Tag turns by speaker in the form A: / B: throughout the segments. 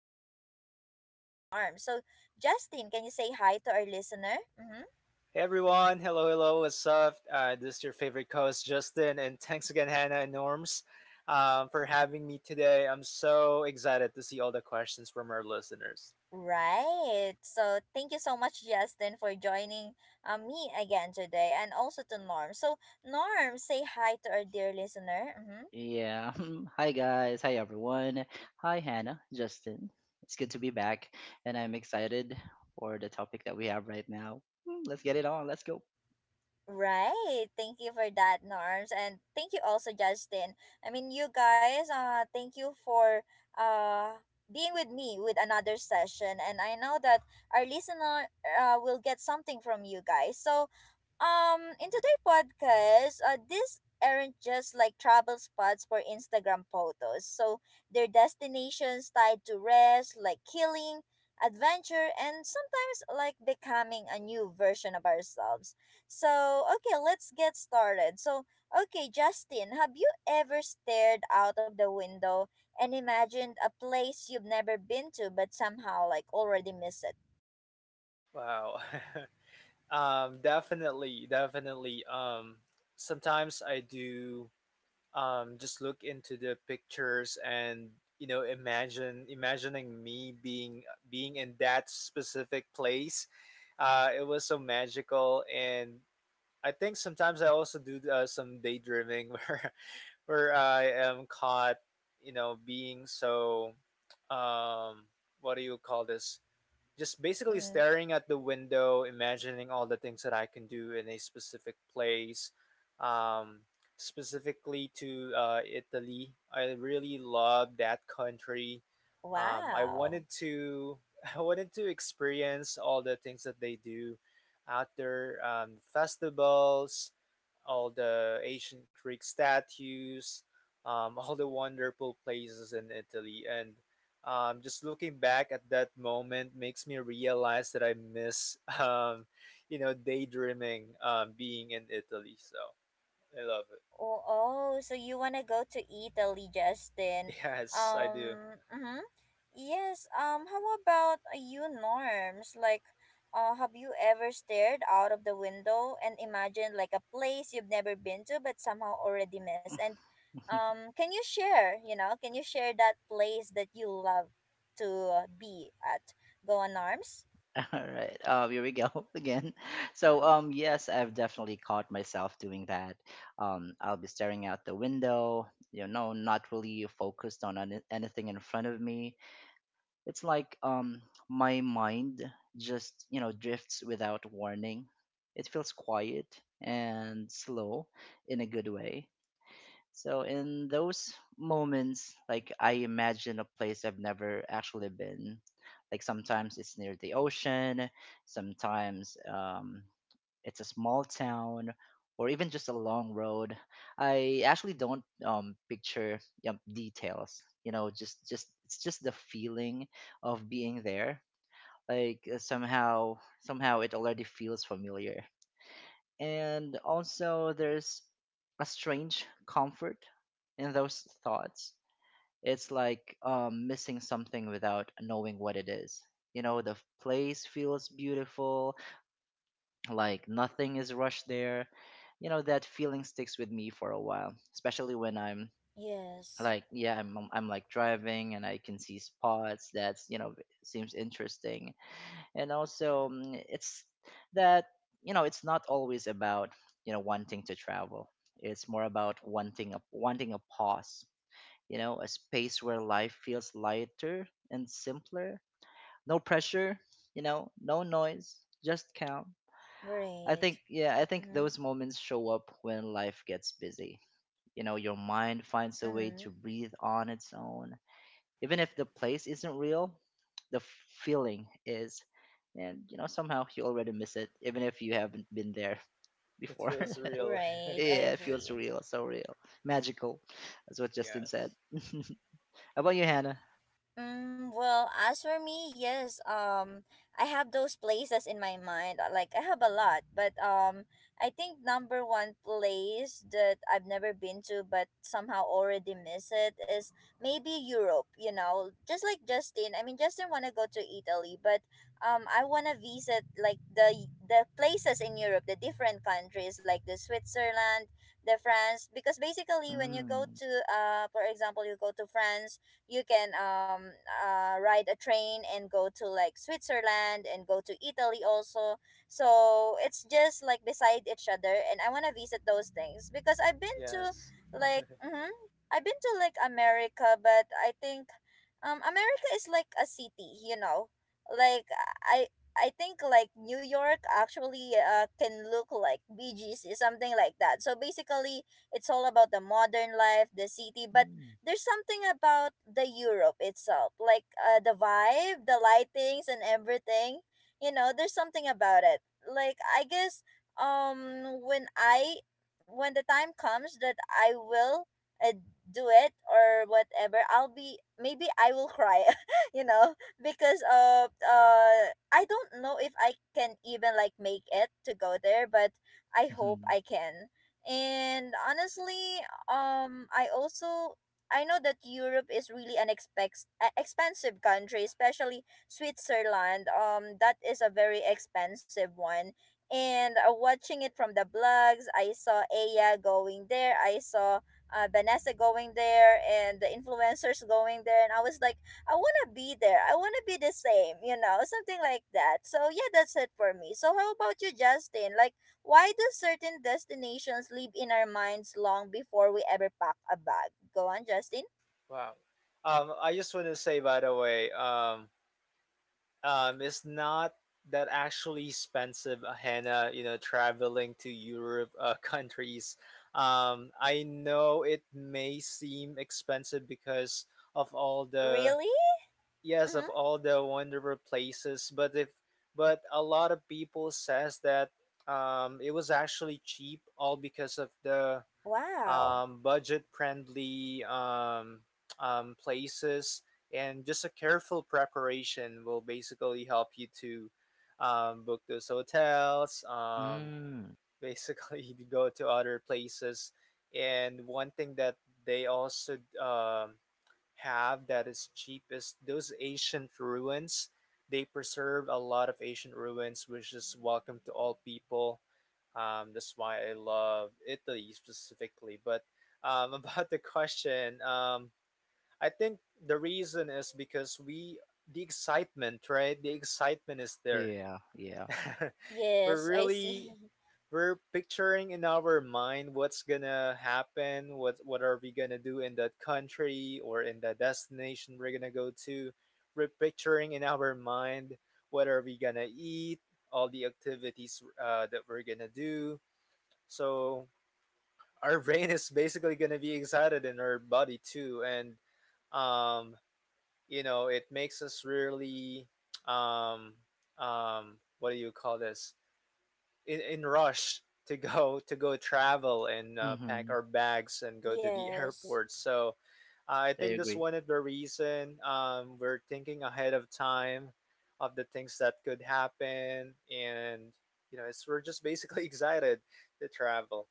A: co-host Justin and Norm. So, Justin, can you say hi to our listener? Mm-hmm.
B: Hey everyone, hello, hello, what's up? This is your favorite co-host Justin, and thanks again, Hannah and Norms, for having me today. I'm so excited to see all the questions from our listeners.
A: Right. So, thank you so much, Justin, for joining me again today, and also to Norm. So, Norm, say hi to our dear listener. Mm-hmm.
C: Yeah. Hi, guys. Hi, everyone. Hi, Hannah, Justin. It's good to be back, and I'm excited for the topic that we have right now. Let's get it on. Let's go.
A: Right. Thank you for that, Norms. And thank you also, Justin. I mean, you guys, thank you for uh, being with me with another session. And I know that our listener will get something from you guys. So in today's podcast, these aren't just like travel spots for Instagram photos. So they're destinations tied to rest, like healing, adventure, and sometimes like becoming a new version of ourselves. So okay, let's get started. So okay, Justin, have you ever stared out of the window and imagined a place you've never been to, but somehow like already miss it?
B: Wow, definitely, definitely. Sometimes I do just look into the pictures and you know imagine imagining me being in that specific place. It was so magical, and I think sometimes I also do some daydreaming where I am caught, you know, being so um what do you call this? Just basically
A: Mm-hmm.
B: staring at the window, imagining all the things that I can do in a specific place. Um, Specifically to Italy, I really love that country. I
A: Wow.
B: wanted to I wanted to experience all the things that they do out there, festivals, all the ancient Greek statues, all the wonderful places in Italy. And just looking back at that moment makes me realize that I miss, you know, daydreaming, being in Italy. So I love it.
A: Oh, oh, so you want to go to Italy, Justin?
B: Yes, I do.
A: Mm-hmm. Yes, how about you, Norms? Like, have you ever stared out of the window and imagined like a place you've never been to but somehow already missed? And can you share, you know, can you share that place that you love to be at? Go on, Norms?
C: All right. Here we go again. So, yes, I've definitely caught myself doing that. I'll be staring out the window, you know, not really focused on anything in front of me. It's like my mind just, you know, drifts without warning. It feels quiet and slow in a good way. So in those moments, like, I imagine a place I've never actually been. Like sometimes it's near the ocean, sometimes it's a small town, or even just a long road. I actually don't picture details. You know, just it's just the feeling of being there. Like somehow it already feels familiar, and also there's a strange comfort in those thoughts. It's like missing something without knowing what it is. You know, the place feels beautiful, like nothing is rushed there. You know, that feeling sticks with me for a while, especially when I'm
A: Yes,
C: like, yeah, I'm like driving, and I can see spots that's you know, seems interesting. And also, mm, it's that you know, it's not always about, you know, wanting to travel. It's more about wanting a pause, you know, a space where life feels lighter and simpler. No pressure, you know, no noise, just calm. I
A: right.
C: think Yeah, I think
A: Mm-hmm.
C: those moments show up when life gets busy. You know, your mind finds a way to
A: Mm-hmm.
C: breathe on its own. Even if the place isn't real, the feeling is, and you know, somehow you already miss it even if you haven't been there
B: It
C: before.
B: feels real.
A: Right, I
C: Yeah, it feels
A: agree.
C: real, so real. Magical. That's what Justin said.
B: Yes.
C: How about you, Hannah?
A: Mm, well, as for me, yes, I have those places in my mind. Like I have a lot, but I think number one place that I've never been to but somehow already miss it is maybe Europe. You know, just like Justin. I mean, Justin wanna go to Italy, but I wanna visit like the places in Europe, the different countries like the Switzerland, the France, because basically when you go
C: Mm.
A: to for example, you go to France you can ride a train and go to like Switzerland and go to Italy also. So it's just like beside each other, and I wanna visit those things because I've been to
B: Yes.
A: like mm-hmm, I've been to like America, but I think America is like a city, you know, like I. I think like New York actually can look like BGC, something like that. So basically, it's all about the modern life, the city, but
C: Mm.
A: there's something about the Europe itself, like the vibe, the lightings, and everything. You know, there's something about it. Like I guess, um, when I when the time comes that I will uh, do it or whatever, I'll be maybe I will cry. You know, because I don't know if I can even like make it to go there, but I hope
C: Mhm.
A: I can. And honestly, I also I know that Europe is really an expensive country, especially Switzerland. That is a very expensive one. And watching it from the blogs, I saw Aya going there. I saw Vanessa going there, and the influencers going there. And I was like, I wanna be there. I wanna be the same, you know, something like that. So yeah, that's it for me. So how about you, Justin? Like, why do certain destinations live in our minds long before we ever pack a bag? Go on, Justin.
B: Wow. I just want to say, by the way, it's not that actually expensive, Hannah, you know, traveling to Europe countries. I know it may seem expensive because of
A: Really?
B: yes, of
A: Mm-hmm.
B: all the wonderful places, but if, but a lot of people says that it was actually cheap all because of the
A: Wow.
B: budget friendly places, and just a careful preparation will basically help you to book those hotels,
C: Mm.
B: basically to go to other places. And one thing that they also have that is cheapest, those ancient ruins. They preserve a lot of ancient ruins, which is welcome to all people. That's why I love Italy specifically. But about the question, I think the reason is the excitement, right? The excitement is there.
C: Yeah, yeah.
B: We're
A: Yes, I see.
B: really we're picturing in our mind what's gonna happen, what are we gonna do in that country or in that destination we're gonna go to. We're picturing in our mind what are we gonna eat, all the activities that we're gonna do. So our brain is basically gonna be excited in our body too, and um, you know it makes us really um, what do you call this? In rush to go to go travel and pack
C: Hmm.
B: our bags and go to the
A: Yes.
B: airport. So I
C: I
B: think that's
C: agree.
B: one of the reason we're thinking ahead of time of the things that could happen, and you know, it's we're just basically excited to travel.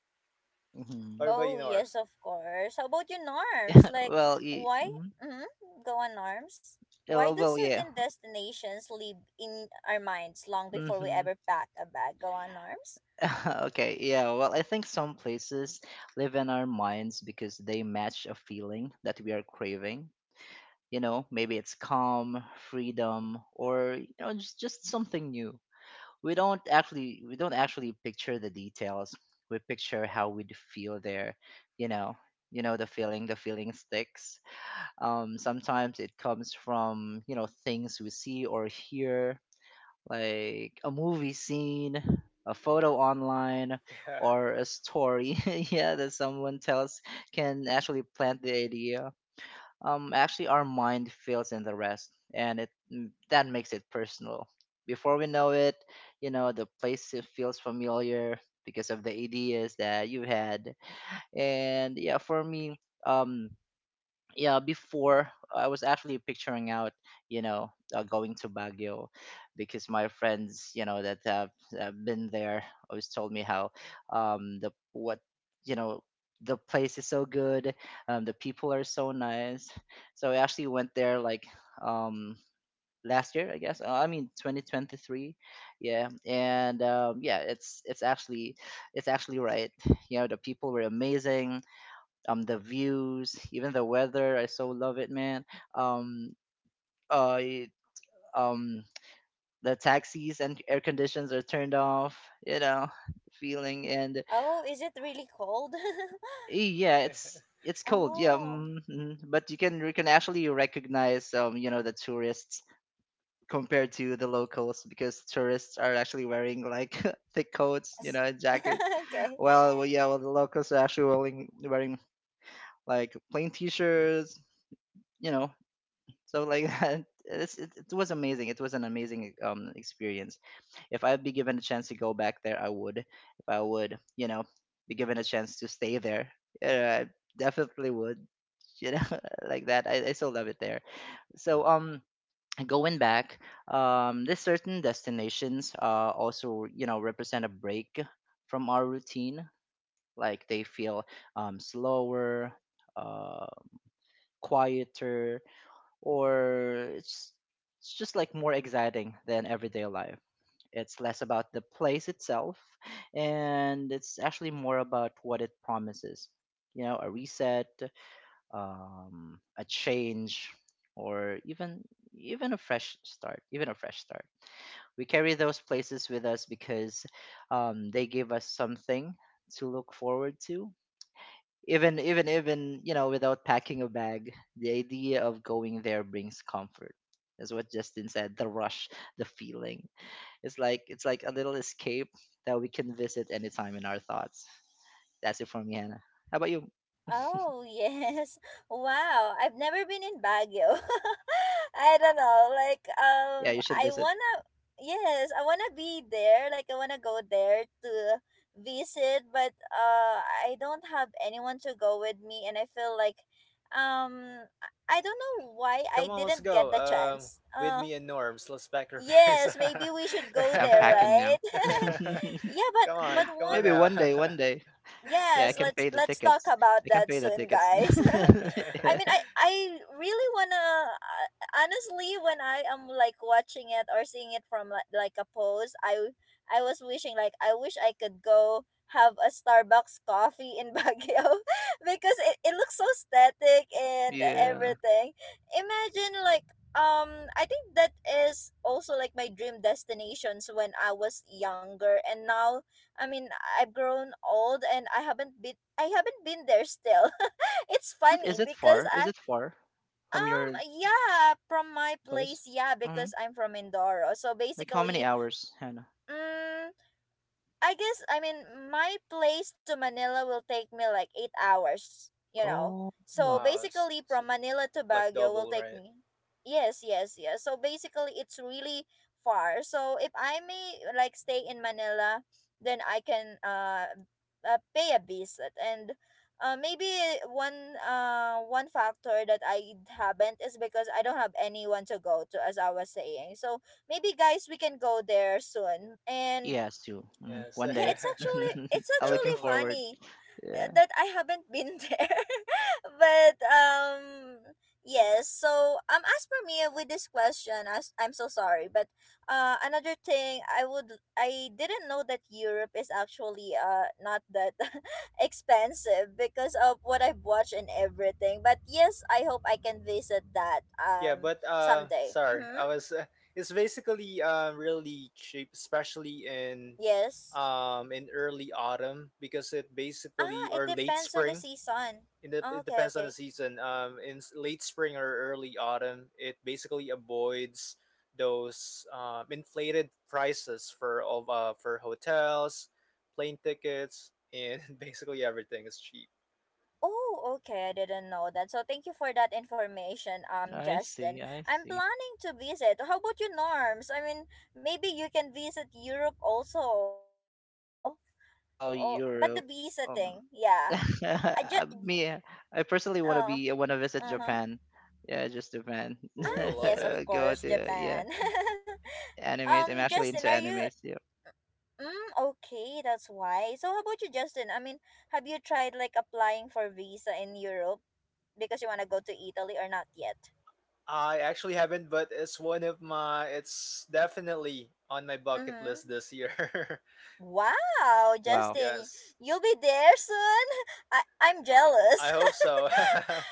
B: What
C: Hmm.
B: about you,
A: Oh, yes,
B: Norms?
A: of course. How about your norms? Like,
C: well, y-
A: why? Mm-hmm. Go on, norms. Why
C: Oh,
A: do
C: well, yeah.
A: certain destinations live in our minds long before we
C: Hmm.
A: ever pack a bag? Go on, norms.
C: Okay, yeah. Well, I think some places live in our minds because they match a feeling that we are craving. You know, maybe it's calm, freedom, or, you know, just something new. We don't actually picture the details. We picture how we'd feel there. You know, you know the feeling. The feeling sticks. Sometimes it comes from, you know, things we see or hear, like a movie scene, a photo online,
B: Yeah,
C: or a story, yeah, that someone tells can actually plant the idea. Actually, our mind fills in the rest, and that makes it personal. Before we know it, you know, the place, it feels familiar because of the ideas that you had. And yeah, for me, um, yeah, before I was actually picturing out, you know, going to Baguio, because my friends, you know, that have been there always told me how, the what you know, the place is so good, the people are so nice. So I actually went there, like, um last year, I guess, I mean 2023. Yeah, and yeah, it's actually right. You know, the people were amazing, the views, even the weather, I so love it, man. um uh it- um the taxis and air conditions are turned off, you know. Feeling and
A: Oh, is it really cold?
C: eh, yeah, it's it's cold, yeah,
A: Oh.
C: but you can actually recognize, you know, the tourists compared to the locals, because tourists are actually wearing like thick coats, you know, and jackets.
A: Okay.
C: Well, yeah, well, the locals are actually wearing like plain t-shirts, you know. So, like that, it was amazing. It was an amazing experience. If I'd be given a chance to go back there, I would. If I would, you know, be given a chance to stay there, yeah, I definitely would. You know, like that. I still love it there. So, going back, there's certain destinations, also, you know, represent a break from our routine. Like they feel slower, uh quieter, or it's just like more exciting than everyday life. It's less about the place itself, and it's actually more about what it promises. You know, a reset, a change, or even a fresh start. We carry those places with us because, they give us something to look forward to, even, you know, without packing a bag, the idea of going there brings comfort. That's what Justin said. The rush, the feeling. It's like a little escape that we can visit anytime in our thoughts. That's it for me, Hannah. How about you?
A: Oh, yes. Wow. I've never been in Baguio. I don't know. Like,
C: Yeah, you should
A: I
C: visit.
A: wanna, yes, I wanna be there. Like, I wanna go there to visit, but I don't have anyone to go with me, and I feel like, I don't know why I
B: come on, let's
A: didn't get
B: go.
A: the chance.
B: With me and Norms, let's pack our bags.
A: Yes, maybe we should go
C: I'm
A: there,
C: packing now.
A: right? Yeah,
B: Come on,
A: but
B: come
A: one
B: on
C: Maybe
B: now.
C: one day, one day. Yeah, I
A: yes,
C: can
A: let's
C: pay the
A: let's talk
C: tickets. I
A: about
C: can
A: that
C: pay the
A: soon,
C: tickets.
A: guys. I
C: Yeah.
A: mean, I really wanna honestly when I am like watching it or seeing it from like a post, I was wishing like I wish I could go have a Starbucks coffee in Baguio because it looks so static and
C: Yeah.
A: everything. Imagine like I think that is also like my dream destinations when I was younger and now I mean, I've grown old and I haven't been there still. It's
C: Is it
A: funny
C: is it
A: because
C: far? Is
A: I
C: it far from your
A: yeah, from my
C: place?
A: place, yeah, because I'm from Mindoro. So
C: Like, how many
A: basically,
C: hours, Hannah?
A: mm I guess I mean my place to Manila will take me like 8 hours, you know.
C: Oh,
A: So
B: Wow,
A: basically
B: it's
A: from Manila to
B: like
A: Baguio will
B: double,
A: take
B: right?
A: me yes, yes, yes. So basically it's really far. So if I may like stay in Manila, then I can pay a visit and maybe one factor that I haven't is because I don't have anyone to go to as I was saying. So maybe guys we can go there soon and
C: yes, you. Mm,
B: Yes,
C: one
A: yeah
C: day.
A: it's
C: I'm looking
A: actually
B: definitely.
C: forward.
A: funny
C: Yeah.
A: that I haven't been there but yes so as for me with this question as I'm so sorry but another thing I would I didn't know that Europe is actually not that expensive because of what I've watched and everything but yes I hope I can visit that
B: Yeah, but
A: someday
B: sorry,
A: mm-hmm.
B: I was. It's basically really cheap, especially
A: Yes,
B: in early autumn because it
A: ah
B: basically
A: it
B: or late
A: depends on the
B: spring.
A: season.
B: It
A: Okay,
B: depends on the
A: okay.
B: season. In late spring or early autumn, it basically avoids those inflated prices for all for hotels, plane tickets, and basically everything is cheap.
A: Oh, okay. I didn't know that. So thank you for that information,
C: Mm, I
A: Justin.
C: see. I
A: I'm
C: see.
A: planning to visit. How about you, Norms? I mean, maybe you can visit Europe also because you know.
C: Oh,
A: Oh, but
C: Europe.
A: the visa
C: Um,
A: thing, yeah. I just,
C: me. I personally want to
A: uh,
C: be. I want to visit
A: huh.
C: Japan. Yeah, just Japan.
B: Ooh, I
A: Ah,
B: love
A: yes,
B: it.
A: of
C: Go
A: course,
C: to, yeah.
A: Japan.
C: Animes. I'm
A: Um,
C: actually
A: Justin,
C: into
A: are you?
C: animes. Yeah.
A: Mm, okay, that's why. So how about you, Justin? I mean, have you tried like applying for visa in Europe because you wanna go to Italy or not yet?
B: I actually haven't, but it's one of my. It's definitely on my bucket
A: Mm-hmm.
B: list this year.
A: Wow,
C: Wow.
A: Justin,
B: Yes,
A: you'll be there soon? I'm jealous.
B: I hope so. I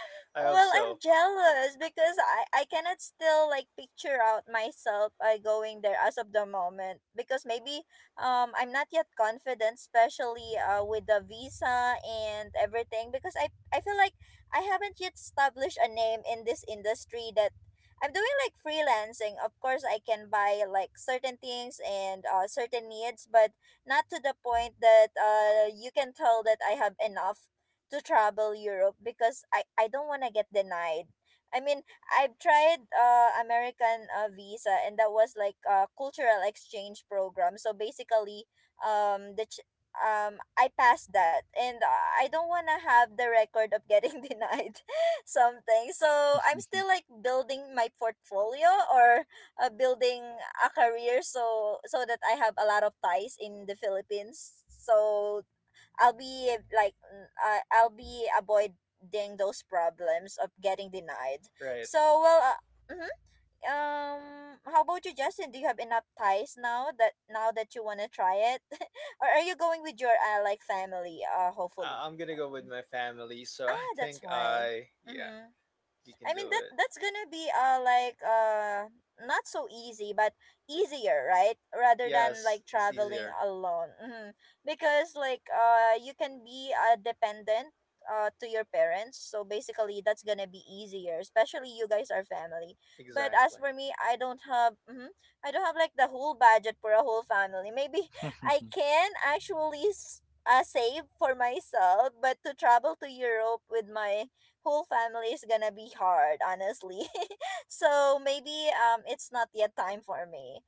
B: hope
A: Well, I'm
B: so.
A: jealous because I cannot still like picture out myself going there as of the moment because maybe I'm not yet confident especially with the visa and everything because I feel like I haven't yet established a name in this industry that I'm doing like freelancing. Of course, I can buy like certain things and certain needs, but not to the point that you can tell that I have enough to travel Europe because I don't want to get denied. I mean, I've tried American visa and that was like a cultural exchange program. So basically, um the ch- I passed that and I don't want to have the record of getting denied something. So I'm still like building my portfolio or building a career so that I have a lot of ties in the Philippines. So I'll be like I'll be avoiding those problems of getting denied.
B: Right.
A: So well, mhm. um, how about you, Justin? Do you have enough ties now that you wanna try it, or are you going with your like family? Hopefully.
B: I'm gonna go with
A: Um,
B: my family, so I
A: ah,
B: think
A: that's why.
B: I. Yeah,
A: Mm-hmm.
B: we can
A: I mean
B: do it.
A: that's gonna be not so easy but easier right rather than
B: Yes,
A: like
B: it's
A: traveling
B: easier.
A: alone. Hmm, because like you can be dependent to your parents so basically that's gonna be easier especially you guys are family but as
B: Exactly.
A: for me I don't have hmm I don't have like the whole budget for a whole family. Maybe I can actually save for myself but to travel to Europe with my whole family is gonna be hard, honestly. So maybe it's not yet time for me.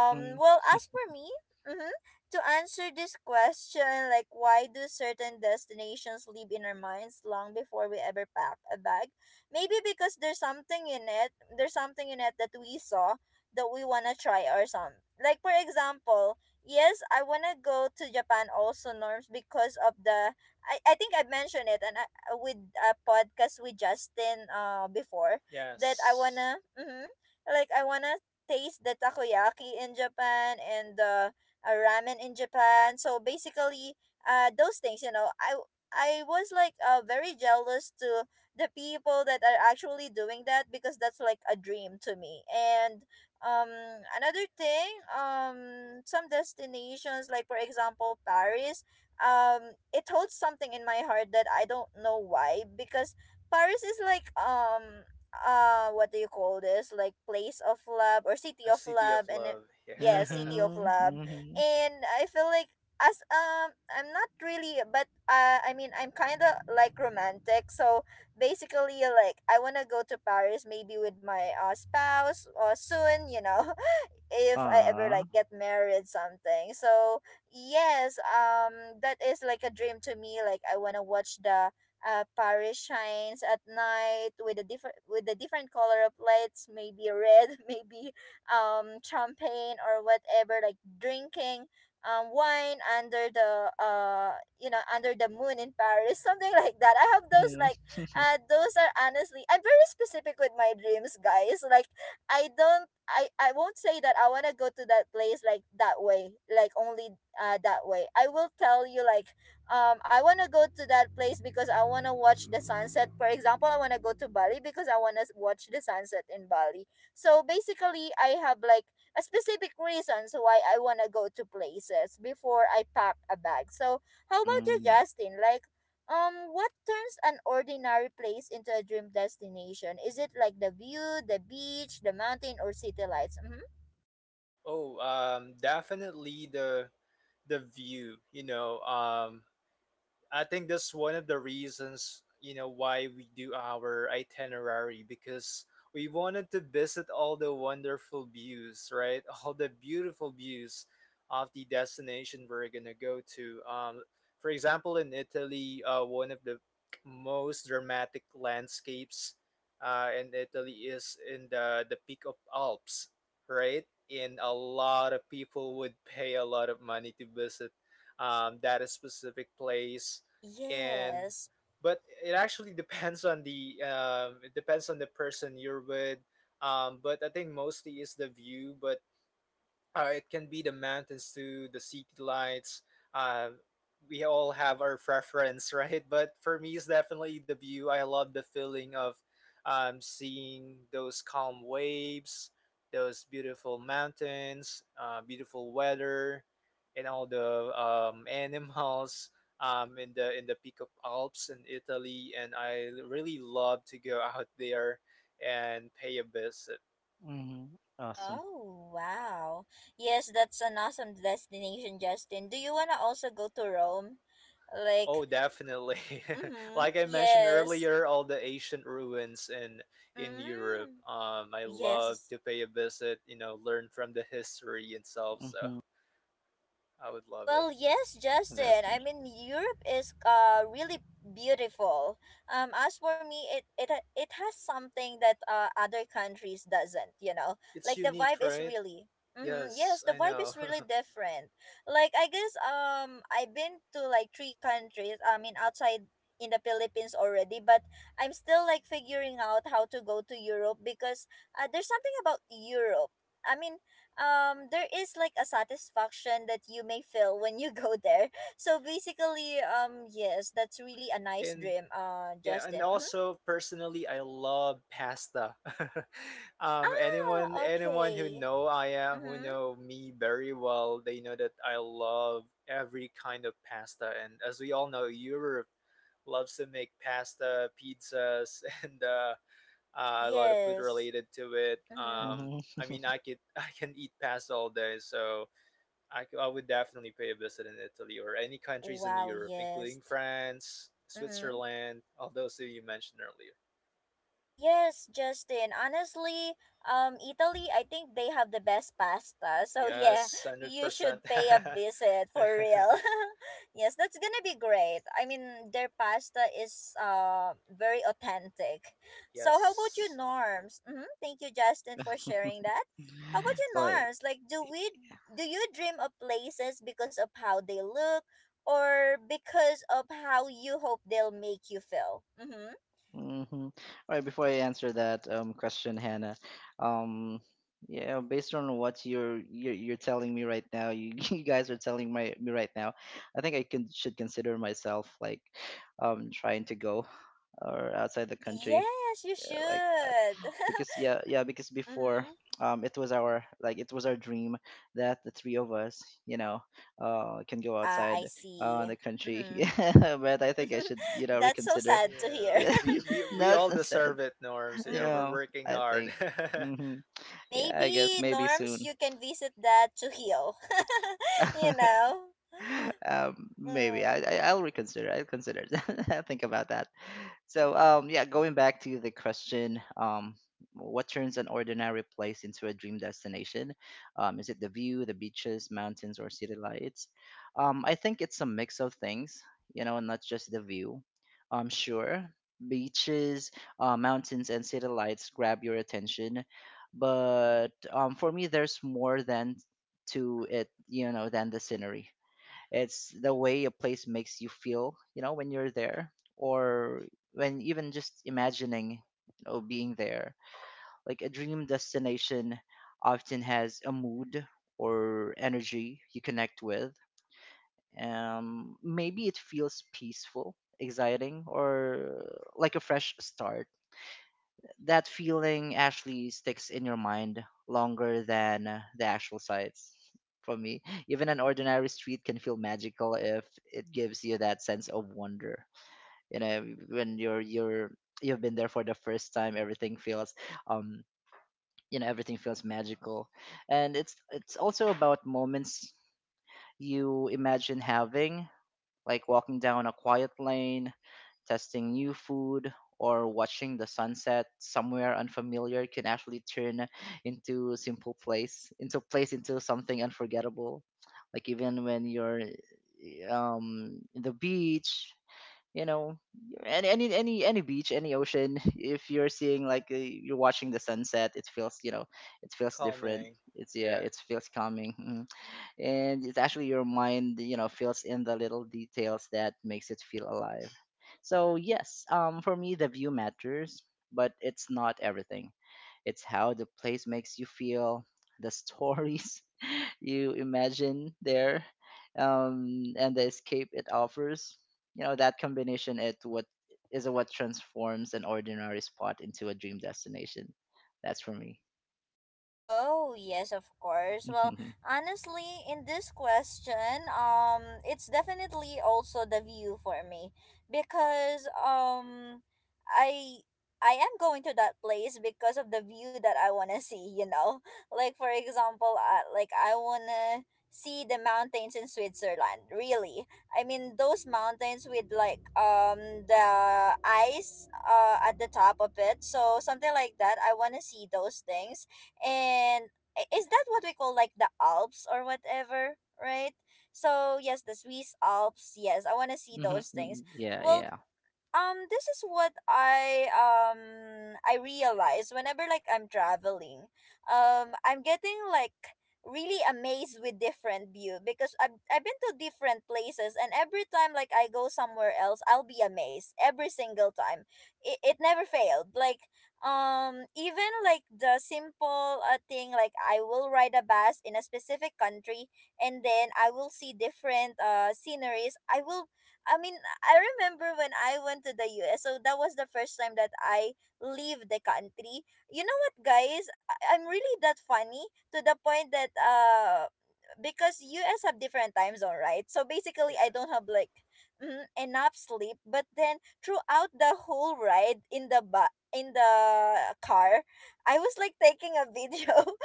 C: Mm, mm-hmm.
A: well as for me, mm-hmm, to answer this question like why do certain destinations live in our minds long before we ever pack a bag? Maybe because there's something in it, that we saw that we wanna try or some like for example yes, I wanna go to Japan also norms because of the I think I mentioned it and with a podcast with Justin before
B: Yeah.
A: that I
B: Yes,
A: wanna mm-hmm, like I wanna taste the takoyaki in Japan and the ramen in Japan. So basically, those things, I was like very jealous to the people that are actually doing that because that's like a dream to me. And um another thing, some destinations like for example Paris, it holds something in my heart that I don't know why, because Paris is like, what do you call this, like place of love or city
B: a
A: of
B: city of
A: love?
B: love.
A: Yeah,
B: Yeah.
A: city of love.
C: Mm-hmm.
A: And I feel like, as, I'm not really, but I mean I'm kind of like romantic, so basically like I want to go to Paris maybe with my spouse or soon, you know, if I ever
C: Ah.
A: like get married something. So yes, that is like a dream to me. Like I wanna watch the Paris shines at night with a different, with a different color of lights, maybe red, maybe champagne or whatever, like drinking wine under the, you know, under the moon in Paris, something like that. I have those
C: Mm-hmm.
A: like, those are, honestly, I'm very specific with my dreams, guys. Like I don't, I won't say that I want to go to that place like that way, like only that way. I will tell you like, I want to go to that place because I want to watch the sunset. For example, I want to go to Bali because I want to watch the sunset in Bali. So basically, I have like a specific reasons why I want to go to places before I pack a bag. So how about you,
C: Mm-hmm.
A: Justin? Like what turns an ordinary place into a dream destination? Is it like the view, the beach, the mountain, or city lights? Mm-hmm.
B: Oh, Definitely the view. You know, I think that's one of the reasons, you know, why we do our itinerary because we wanted to visit all the wonderful views, right? All the beautiful views of the destination we're gonna go to. For example, in Italy, one of the most dramatic landscapes in Italy is in the peak of Alps, right? And a lot of people would pay a lot of money to visit that specific place and
A: Yes.
B: but it actually depends on the it depends on the person you're with but I think mostly is the view but it can be the mountains to the city lights. Uh, we all have our preference, right? But for me, it's definitely the view. I love the feeling of seeing those calm waves, those beautiful mountains, beautiful weather, and all the animals in the peak of Alps in Italy. And I really love to go out there and pay a visit.
C: Awesome.
A: Oh, wow. Yes, that's an awesome destination, Justin. Do you want to also go to Rome? Like,
B: Oh, definitely.
A: mm-hmm.
B: Like I mentioned
A: Yes.
B: earlier, all the ancient ruins in Europe.
A: Mm.
B: I love
A: Yes.
B: to pay a visit, you know, learn from the history itself, so
C: Mhm.
B: I would love it.
A: Well, yes,
C: That's
A: Justin. I mean, Europe is really beautiful. As for me, it it has something that other countries doesn't. You know,
B: It's
A: like the
B: unique,
A: vibe is
B: right?
A: really. Mm-hmm,
B: Yes,
A: yes, the
B: I
A: vibe
B: know.
A: is really different. Like I guess I've been to like three countries. I mean, outside in the Philippines already, but I'm still like figuring out how to go to Europe because there's something about Europe. I mean, there is like a satisfaction that you may feel when you go there. So basically, yes, that's really a nice
B: And
A: dream,
B: yeah, and
A: Justin. Hmm.
B: also personally, I love pasta. Anyone
A: Ah,
B: anyone who
A: okay.
B: know I am, who
A: Mhm.
B: know me very well, they know that I love every kind of pasta. And as we all know, Europe loves to make pasta, pizzas, and a lot of food
A: Yes.
B: related to it.
A: Mhm.
C: mhm. Well,
B: I mean, I could I can eat pasta all day, so I would definitely pay a visit in Italy or any countries in
A: Wow,
B: Europe,
A: yes.
B: including France,
A: Mhm.
B: Switzerland, all those that you mentioned earlier.
A: Yes, Justin. Honestly, Italy, I think they have the best pasta. So yeah,
B: Yes, hundred
A: you
B: percent.
A: should pay a visit for real. Yes, that's gonna be great. I mean, their pasta is very authentic. So how about you,
B: Yes,
A: Norms? Mm-hmm. Thank you, Justin, for
C: mhm.
A: sharing that. How about you, Norms? Like, do you dream of places because of how they look, or because of how you hope they'll make you feel? Mm-hmm.
C: All right, before I answer that question, Hannah, um yeah, based on what you're telling me right now, you, you guys are telling my me right now, I think I can should consider myself, like, trying to go, or outside the country,
A: Yes, you
C: like,
A: should.
C: because yeah, yeah, because before,
A: Mm-hmm.
C: it was our dream that the three of us, you know, can go
A: I
C: outside
A: see.
C: the country.
A: Mm-hmm.
C: Yeah, but I think I should, you know,
A: That's so
C: reconsider.
A: sad to hear.
B: yeah,
C: Yeah.
B: we, we we
C: No, it's
B: all
C: not sad.
B: deserve it, Norms. You know,
A: Mm-hmm.
B: we're
C: Yeah,
B: working
C: I
B: hard.
C: think. Hmm. Yeah, I guess
A: Maybe,
C: maybe
A: Norms,
C: soon.
A: you can visit that to heal. You know?
C: Maybe,
A: Mm.
C: I I'll reconsider I'll consider. I'll think about that. So, yeah, going back to the question, what turns an ordinary place into a dream destination? Is it the view, the beaches, mountains, or city lights? I think it's a mix of things, you know, not just the view. Sure, beaches, mountains, and city lights grab your attention, but, for me, there's more than to it, you know, than the scenery. It's the way a place makes you feel, you know, when you're there, or when even just imagining, you know, being there. Like, a dream destination often has a mood or energy you connect with. Maybe it feels peaceful, exciting, or like a fresh start. That feeling actually sticks in your mind longer than, the actual sights. For me, even an ordinary street can feel magical if it gives you that sense of wonder. You know, when you've been there for the first time, everything feels um you know, everything feels magical. And it's also about moments you imagine having, like walking down a quiet lane, testing new food, or watching the sunset somewhere unfamiliar can actually turn into simple place into something unforgettable. Like, even when you're in the beach, you know, any beach, any ocean, if you're seeing, like, you're watching the sunset, it feels, you know, it feels different.
B: Calming.
C: It's Yeah,
B: Yeah,
C: it feels calming. And it's actually your mind, you know, feels in the little details that makes it feel alive. So yes, for me, the view matters, but it's not everything. It's how the place makes you feel, the stories you imagine there, and the escape it offers. You know, that combination, it what is what transforms an ordinary spot into a dream destination. That's for me.
A: Oh, yes, of course. Well,
C: Mhm.
A: honestly, in this question, it's definitely also the view for me because I I am going to that place because of the view that I want to see, you know. Like for example, like I want to see the mountains in Switzerland, really. I mean, those mountains with like the ice at the top of it. So, something like that. I want to see those things, and is that what we call like the Alps or whatever, right? So yes, the Swiss Alps. Yes, I want to see
C: Mhm.
A: those
C: Mm,
A: things.
C: yeah,
A: Well,
C: yeah.
A: this is what I realize whenever like I'm traveling, I'm getting like really amazed with different view, because I've been to different places and every time like I go somewhere else, I'll be amazed every single time. It never failed, like, even like the simple thing, like I will ride a bus in a specific country and then I will see different sceneries. I will, I mean, I remember when I went to the US, so that was the first time that I leave the country. You know what, guys? I'm really that funny, to the point that because US have different time zone, right? So basically,
B: yeah,
A: I don't have like enough sleep. But then throughout the whole ride in the in the car, I was like taking a video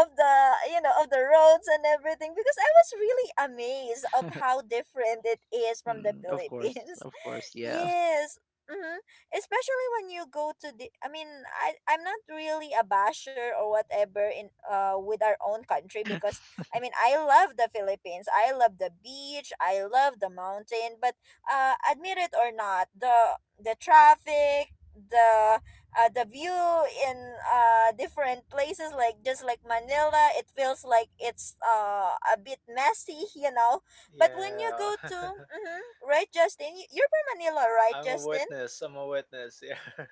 A: of the, you know, of the roads and everything, because I was really amazed of how different it is from the
C: Mm,
A: Philippines.
C: of course, yeah.
A: Yes. Mm-hmm. Especially when you go to the, I mean, I'm not really a basher or whatever in with our own country, because I mean, I love the Philippines. I love the beach, I love the mountain, but admit it or not, the traffic, the view in different places, like just like Manila, it feels like it's a bit messy, you know. But when you
B: yeah.
A: go to, mm-hmm, right, Justin, you're Manila, right,
B: I'm a
A: Justin?
B: witness. I'm a witness. Yeah.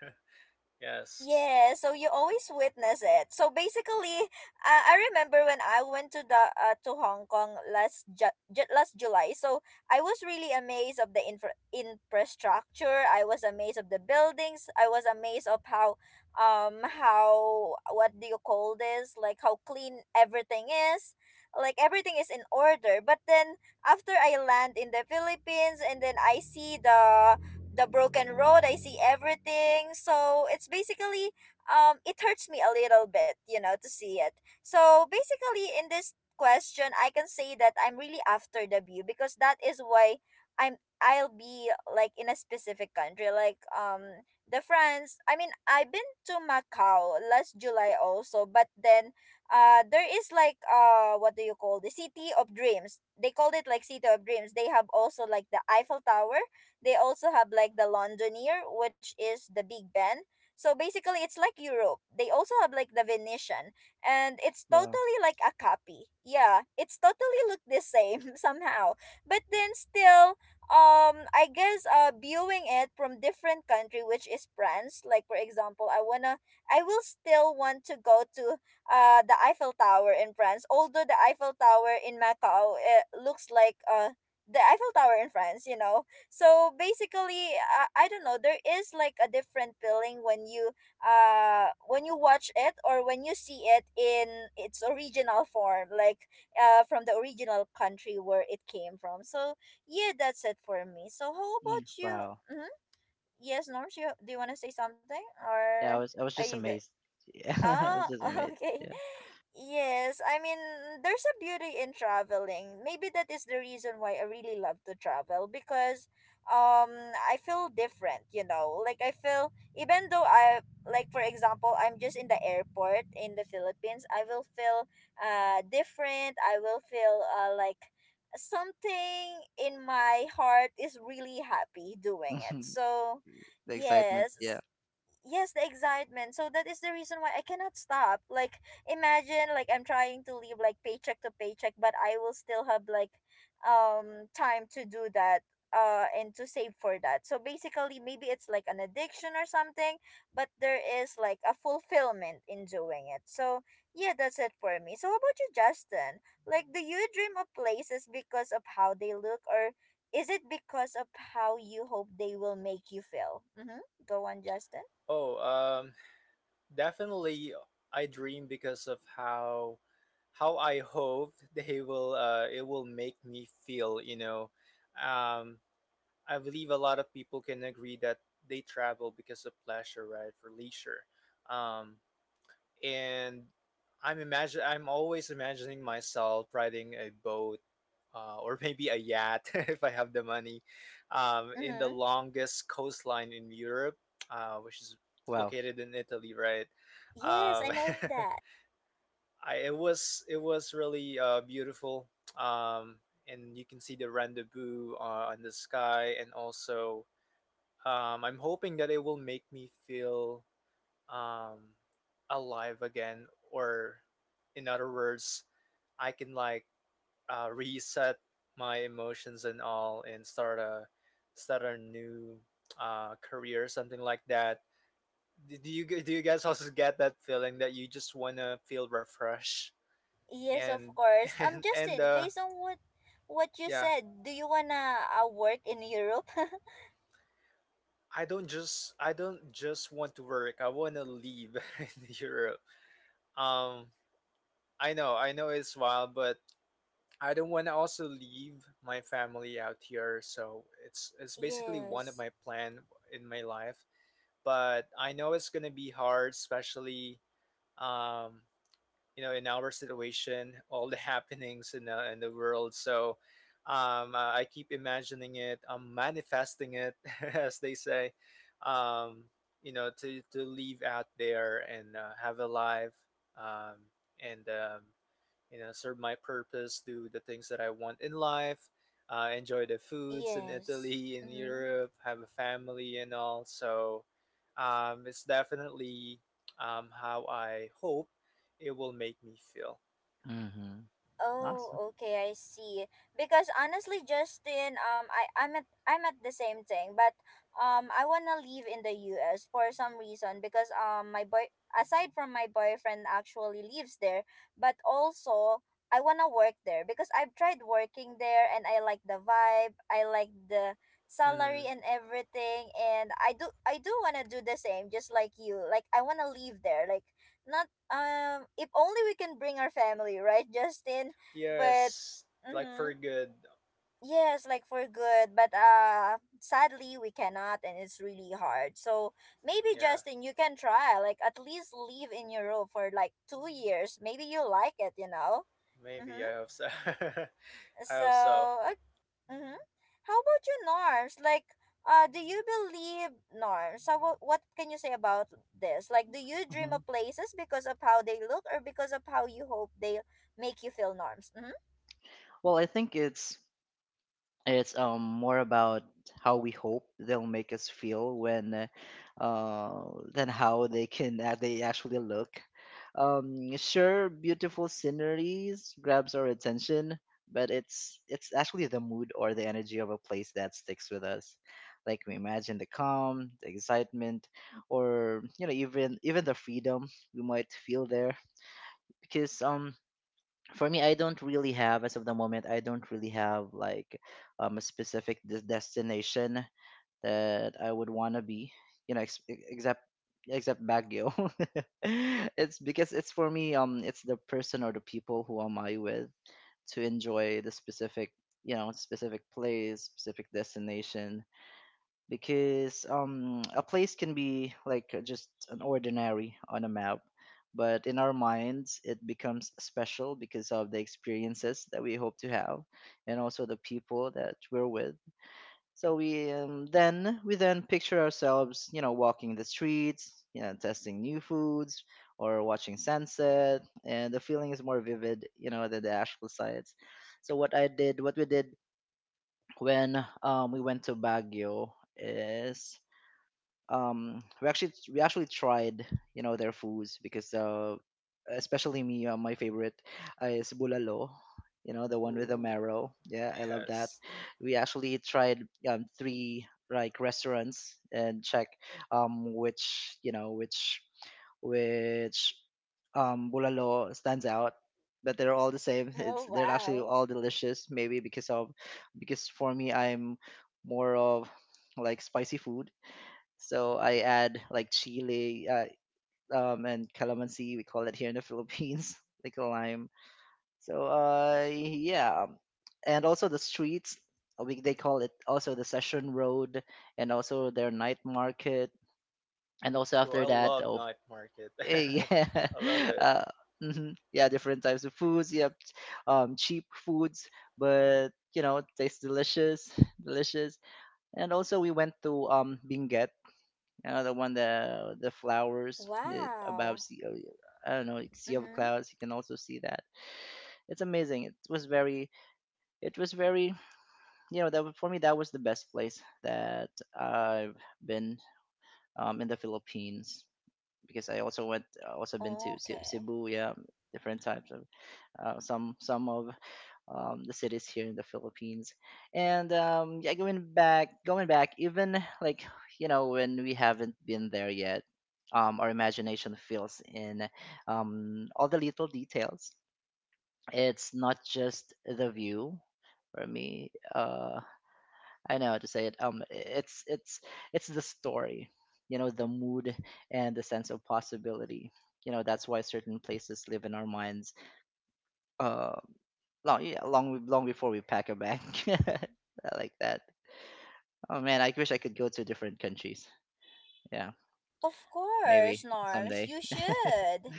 B: Yes.
A: Yeah, so you always witness it. So basically, I remember when I went to the to Hong Kong last last July. So I was really amazed of the infrastructure. I was amazed of the buildings. I was amazed of how, how, what do you call this? Like, how clean everything is. Like everything is in order. But then after I land in the Philippines and then I see the broken road, I see everything. So it's basically, it hurts me a little bit, you know, to see it. So basically, in this question, I can say that I'm really after the view, because that is why I'm, I'll be like in a specific country, like the France. I mean, I've been to Macau last July also, but then there is like, what do you call, the City of Dreams, they called it, like City of Dreams. They have also like the Eiffel Tower. They also have like the Londonier, which is the Big Ben. So basically, it's like Europe. They also have like the Venetian, and it's
C: Wow.
A: totally like a copy. Yeah, it's totally look the same somehow. But then still, I guess viewing it from different country, which is France. Like for example, I will still want to go to the Eiffel Tower in France. Although the Eiffel Tower in Macau, it looks like the Eiffel Tower in France, you know, so basically, I don't know, there is like a different feeling when you, when you watch it or when you see it in its original form, like from the original country where it came from. So yeah, that's it for me. So how
C: Mm,
A: about you?
C: wow.
A: Hmm. Yes, Norms, you, do you want to say something,
C: Yeah,
A: or
C: I was
A: are
C: just
A: you good?
C: amazed. Yeah, I was
A: Ah,
C: just amazed.
A: okay.
C: Yeah,
A: Yes, I mean, there's a beauty in traveling. Maybe that is the reason why I really love to travel, because um I feel different, you know. Like I feel, even though I, like for example, I'm just in the airport in the Philippines, I will feel different. I will feel like something in my heart is really happy doing it. So,
C: the excitement.
A: yes.
C: Yeah.
A: Yes, the excitement. So that is the reason why I cannot stop, like, imagine like I'm trying to live like paycheck to paycheck, but I will still have like time to do that and to save for that. So basically, maybe it's like an addiction or something, but there is like a fulfillment in doing it. So yeah, that's it for me. So how about you, Justin? Like, do you dream of places because of how they look, or is it because of how you hope they will make you feel? Mm-hmm. Go on, Justin.
B: Oh, um, Definitely. I dream because of how I hope they will it will make me feel. You know, um, I believe a lot of people can agree that they travel because of pleasure, right, for leisure. Um, and I'm imagine I'm always imagining myself riding a boat. Or maybe a yacht if I have the money, in the
A: Mm-hmm.
B: longest coastline in Europe, which is
C: Wow.
B: located in Italy, right?
A: Yes,
B: Um,
A: I know that.
B: I, it was really beautiful, um, and you can see the rendezvous on the sky, and also I'm hoping that it will make me feel um, alive again, or in other words, I can like reset my emotions and all, and start a start a new career, something like that. Do you do you guys also get that feeling that you just wanna feel refreshed?
A: Yes, of
B: And
A: course.
B: and
A: Justin, based on what you
B: yeah
A: said, do you wanna work in Europe?
B: I don't just want to work, I want to leave in europe. um I know, I know it's wild, but I don't want to also leave my family out here, so it's basically one of
A: Yes.
B: my plan in my life. But I know it's gonna be hard, especially um you know, in our situation, all the happenings in in the world. So I keep imagining it, I'm manifesting it, as they say, um, you know, to live out there and have a life, um, and you know, serve my purpose, do the things that I want in life, enjoy the foods in
A: Yes.
B: Italy, in
A: Mm-hmm.
B: Europe, have a family and all. So it's definitely how I hope it will make me feel.
C: Hmm. Awesome.
A: Oh, okay, I see. Because honestly, Justin, I'm at the same thing, but I wanna live in the U.S. for some reason, because my boy, aside from my boyfriend, actually lives there, but also I wanna work there, because I've tried working there and I like the vibe, I like the salary
B: Hmm.
A: and everything, and I do wanna do the same, just like you. Like I wanna live there, like not if only we can bring our family right Justin? But
B: Yes, like
A: mm-hmm,
B: for good.
A: yes, like for good. But sadly we cannot and it's really hard. So maybe
B: Yeah,
A: Justin you can try like at least live in Europe for like 2 years, maybe you like it.
B: maybe
A: Mm-hmm.
B: I hope so. I
A: so
B: hope so.
A: uh, mm-hmm. How about you Norms, like do you believe Norms, so what can you say about this, like do you dream
C: Hmm.
A: of places because of how they look or because of how you hope they make you feel Norms? Mm-hmm.
C: Well, I think it's more about how we hope they'll make us feel, when than how they can, they actually look. Sure, beautiful sceneries grabs our attention, but it's actually the mood or the energy of a place that sticks with us, like we imagine the calm, the excitement, or, you know, even the freedom we might feel there. Because, for me, I don't really have, like, a specific destination that I would want to be, you know, except Baguio. It's because it's for me it's the person or the people who am I with to enjoy the specific place, specific destination. Because a place can be like just an ordinary on a map, but in our minds it becomes special because of the experiences that we hope to have, and also the people that we're with. So we then we then picture ourselves, you know, walking the streets, you know, testing new foods or watching sunset, and the feeling is more vivid, you know, than the actual sights. So what we did when we went to Baguio is we actually tried, you know, their foods. Because especially me, my favorite is bulalo, you know, the one with the
B: Ooh,
C: marrow. Yeah, I love that.
B: yes.
C: We actually tried three like restaurants and check which you know which bulalo stands out. But they're all the same. It's
A: Oh
C: they're actually
A: wow.
C: all delicious. Maybe because of, because for me, I'm more of like spicy food. So I add like chili, and calamansi, we call it here in the Philippines, like a lime. So yeah, and also the streets, we they call it also the Session Road, and also their night market, and also
B: Ooh,
C: after
B: I
C: that,
B: love
C: oh,
B: night market.
C: eh, yeah,
B: I love it.
C: uh, mhm, yeah, different types of foods. Yep, cheap foods, but you know, tastes delicious, delicious. And also we went to Benguet. The one, the flowers it, above
A: Wow.
C: sea. I don't know, like sea of
A: Mm-hmm.
C: clouds. You can also see that. It's amazing. It was very. It was very. You know, that was for me that was the best place that I've been in the Philippines, because I also went. Also been to
A: Okay.
C: Cebu. Yeah, different types of some of the cities here in the Philippines. And yeah, going back, even like, you know, when we haven't been there yet, our imagination fills in all the little details. It's not just the view for me. I know how to say it. Um, it's the story, you know, the mood and the sense of possibility. You know, that's why certain places live in our minds, uh, long, yeah, long before we pack a bag. I like that. Oh man, I wish I could go to different countries. Yeah,
A: Of course,
C: maybe
A: Norms,
C: someday.
A: you should.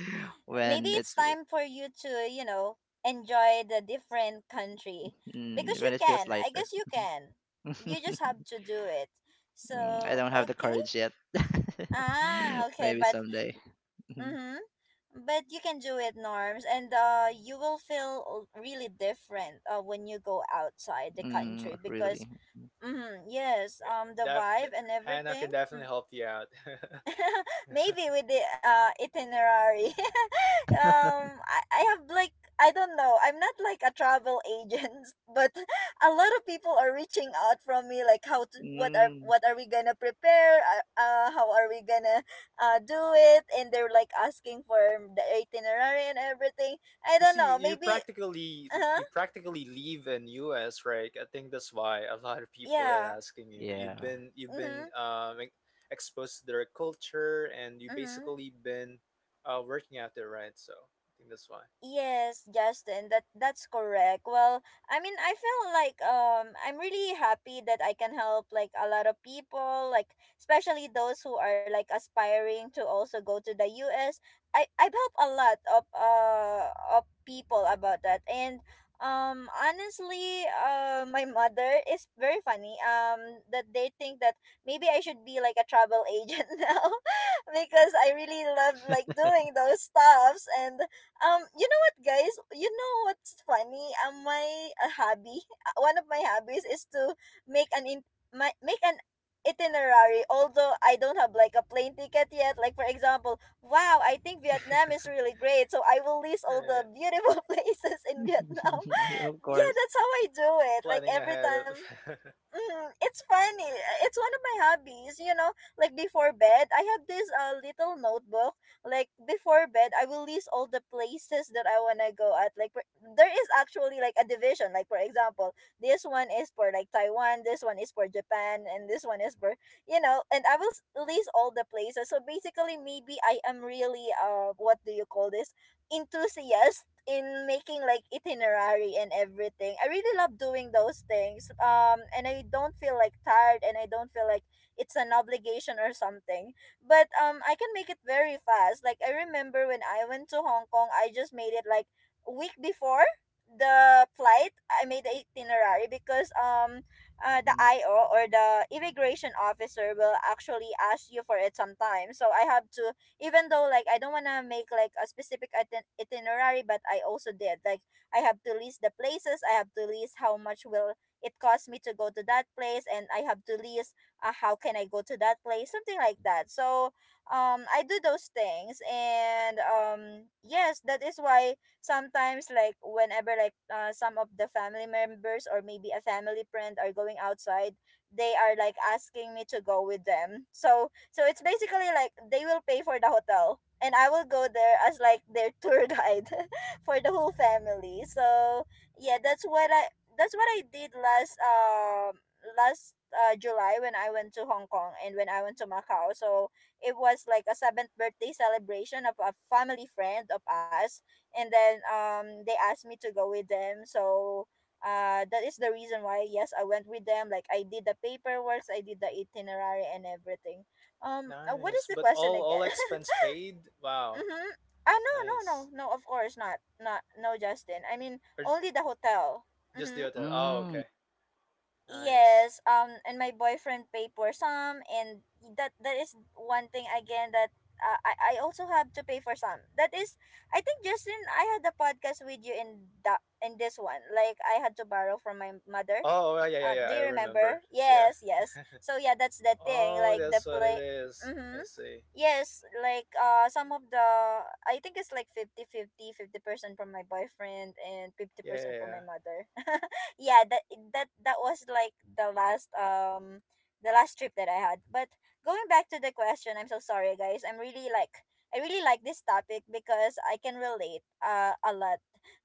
A: Maybe
C: When
A: it's
C: it's,
A: time for you to, you know, enjoy the different country. Because
C: mm,
A: you
C: when it feels
A: can. I
C: lighter.
A: guess you can. You just have to do it.
C: I
A: So,
C: don't have the
A: okay.
C: courage yet.
A: Ah, okay.
C: Maybe
A: But,
C: someday.
A: mm-hmm. But you can do it, Norms. And you will feel really different when you go outside the
C: Mm,
A: country,
C: really.
A: because mm-hmm, yes,
B: Yeah,
A: the
B: that, that
A: vibe and
B: Hannah
A: everything.
B: can
A: Mm.
B: definitely help you out.
A: Maybe with the itinerary. I have like I don't know, I'm not like a travel agent, but a lot of people are reaching out from me like how to,
C: Mm,
A: what are we gonna prepare, uh, how are we gonna do it, and they're like asking for the itinerary and everything. I
B: Because
A: don't know, maybe. Uh-huh.
B: you practically live in US, right? I think that's why a lot of people are
A: Yeah.
B: asking you.
C: yeah.
B: You've been you've been
A: Mm-hmm,
B: exposed to their culture and you
A: mm-hmm.
B: basically been working out there, right? So I think that's why.
A: Yes, Justin, that that's correct. Well, I mean, I feel like I'm really happy that I can help like a lot of people, like especially those who are like aspiring to also go to the U. S. I have helped a lot of people about that. And honestly, my mother is very funny. That they think that maybe I should be like a travel agent now, because I really love like doing those stuffs. And you guys, you know what's funny? My hobby, one of my hobbies is to make an in my make an itinerary. Although I don't have like a plane ticket yet. Like for example, wow, I think Vietnam is really great, so I will list
B: All
A: all the
B: right.
A: beautiful places in Vietnam.
C: Yeah, of
A: Yeah,
C: course.
A: that's how I do it. Like
B: Planning
A: every
B: ahead of
A: time. Mm, it's funny. It's one of my hobbies, you know. Like before bed, I have this little notebook. Like before bed, I will list all the places that I want to go at. There is actually like a division. Like for example, this one is for like Taiwan, this one is for Japan, and this one is for, you know, and I will list all the places. So basically maybe I am really what do you call this? Enthusiast in making like itinerary and everything. I really love doing those things. And I don't feel like tired and I don't feel like it's an obligation or something. But I can make it very fast. Like I remember when I went to Hong Kong, I just made it like a week before the flight. I made the itinerary because the
C: Mm,
A: IO or the immigration officer will actually ask you for it sometime, so I have to. Even though like I don't want to make like a specific itinerary, but I also did like I have to list the places, I have to list how much will it cost me to go to that place, and I have to list how can I go to that place, something like that. So I do those things. And yes, that is why sometimes like whenever like some of the family members or maybe a family friend are going outside, they are like asking me to go with them. So it's basically like they will pay for the hotel and I will go there as like their tour guide for the whole family. So yeah, that's what I did last July, when I went to Hong Kong and when I went to Macau. So it was like a seventh birthday celebration of a family friend of us, and then they asked me to go with them. So that is the reason why, yes, I went with them. Like I did the paperwork, I did the itinerary and everything. What is
B: nice
A: the
B: but
A: question
B: all
A: again?
B: expense paid. Wow.
A: Mm-hmm. Ah, no, no, no,
B: Nice.
A: no. Of course not. Not no, Justin. I mean,
B: Or
A: only the hotel.
B: just the
A: Mm-hmm.
B: hotel? Oh,
C: mm,
B: okay. Nice.
A: Yes, and my boyfriend paid for some, and that is one thing again that I also have to pay for some. That is, I think Justin, I had a podcast with you in that in this one. Like I had to borrow from my mother.
B: Oh yeah, yeah, yeah,
A: Do
B: I
A: you
B: remember.
A: remember?
B: Yeah.
A: Yes, yes. So yeah, that's the thing.
B: Oh,
A: Like the
B: that's what it
A: play.
B: is, I
A: Mm-hmm.
B: see.
A: Yes, like some of the I think it's like 50 percent from my boyfriend and fifty
B: Yeah, yeah,
A: percent from
B: yeah.
A: my mother. Yeah, that was like the last trip that I had. But going back to the question, I'm so sorry guys, I'm really like I really like this topic because I can relate a lot.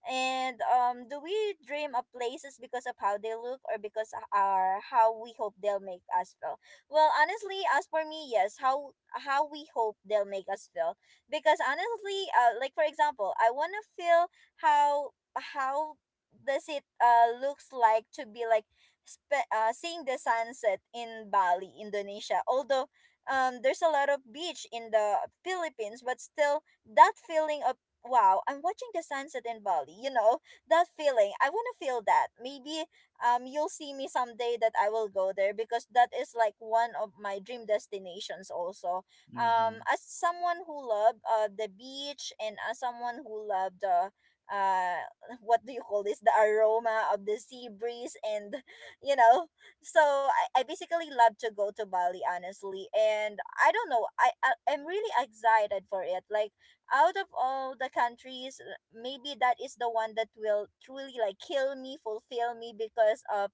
A: And do we dream of places because of how they look or because are how we hope they'll make us feel? Well honestly, as for me, yes, how we hope they'll make us feel. Because honestly, like for example, I want to feel how how does it looks like to be like seeing the sunset in Bali, Indonesia. Although there's a lot of beach in the Philippines, but still that feeling of wow, I'm watching the sunset in Bali, you know, that feeling. I want to feel that. Maybe you'll see me someday that I will go there, because that is like one of my dream destinations also.
C: mhm.
A: As someone who love the beach, and as someone who love the uh what do you call this, the aroma of the sea breeze and you know. So I basically love to go to Bali honestly, and I don't know, I'm really excited for it. Like out of all the countries, maybe that is the one that will truly like kill me fulfill me, because of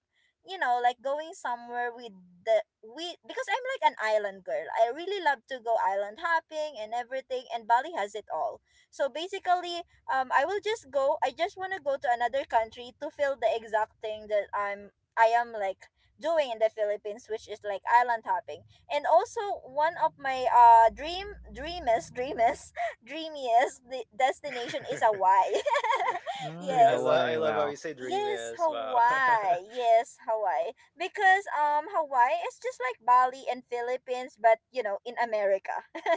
A: you know, like going somewhere with the we because I'm like an island girl, I really love to go island hopping and everything, and Bali has it all. So basically I just want to go to another country to feel the exact thing that I'm I am like doing in the Philippines, which is like island hopping. And also one of my dream dreamest dreamest dreamiest destination is Hawaii.
B: Yeah. Dre-
C: Mm,
A: Yes.
B: I
C: Hawaii,
B: love how
C: wow.
B: you say dream
A: Yes,
B: is. Wow.
A: Hawaii. Yes, Hawaii. Because Hawaii is just like Bali and Philippines but you know, in America.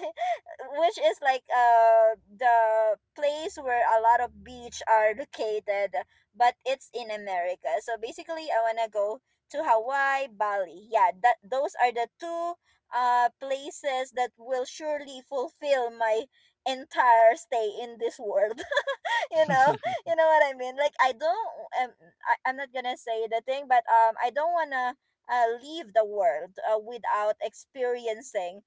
A: Which is like the place where a lot of beach are located, but it's in America. So basically I want to go to Hawaii, Bali. Yeah, that those are the two places that will surely fulfill my entire stay in this world. You know, what I mean, like I don't um, I'm not gonna say the thing, but I don't wanna leave the world without experiencing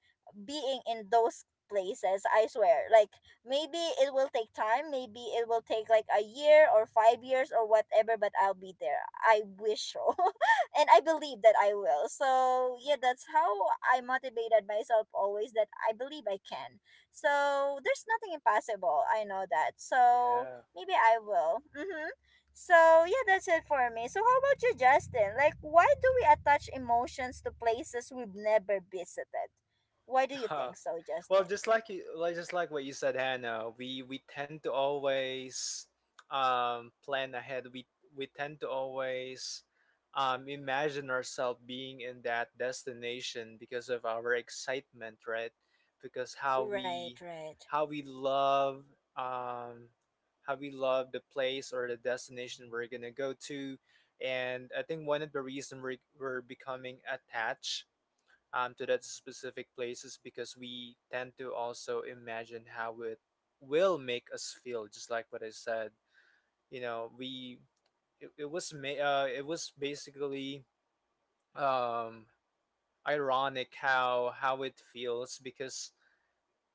A: being in those places. I swear, like maybe it will take time, maybe it will take like a year or 5 years or whatever, but I'll be there, I wish so. And I believe that I will, so yeah, that's how I motivated myself always, that I believe I can. So there's nothing impossible. I know that. So
B: Yeah.
A: maybe I will. Mm-hmm. So yeah, that's it for me. So how about you, Justin? Like, why do we attach emotions to places we've never visited? Why do you
B: Huh.
A: think so,
B: Well,
A: Justin?
B: just like you, like just like what you said, Hannah, we tend to always plan ahead. We tend to always imagine ourselves being in that destination because of our excitement, right? Because how
A: Right,
B: we
A: right.
B: how we love um, how we love the place or the destination we're gonna go to, and I think one of the reason we're becoming attached, to that specific places, because we tend to also imagine how it will make us feel, just like what I said. You know we It it was basically um ironic how it feels, because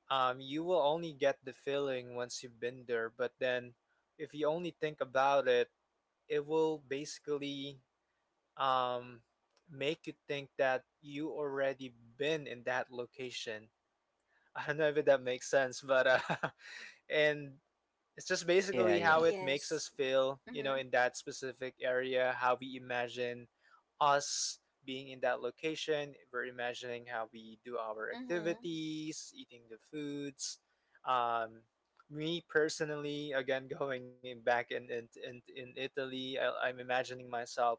B: you will only get the feeling once you've been there. But then, if you only think about it, it will basically um make you think that you already been in that location. I don't know if that makes sense, but and it's just
C: Yeah,
B: basically
C: yeah.
B: how it makes
A: Yes.
B: us feel, you know,
A: Mm-hmm.
B: in that specific area. How we imagine us being in that location. We're imagining how we do our
A: Mm-hmm.
B: activities, eating the foods. Um, me personally, again, going in back in Italy, I'm imagining myself,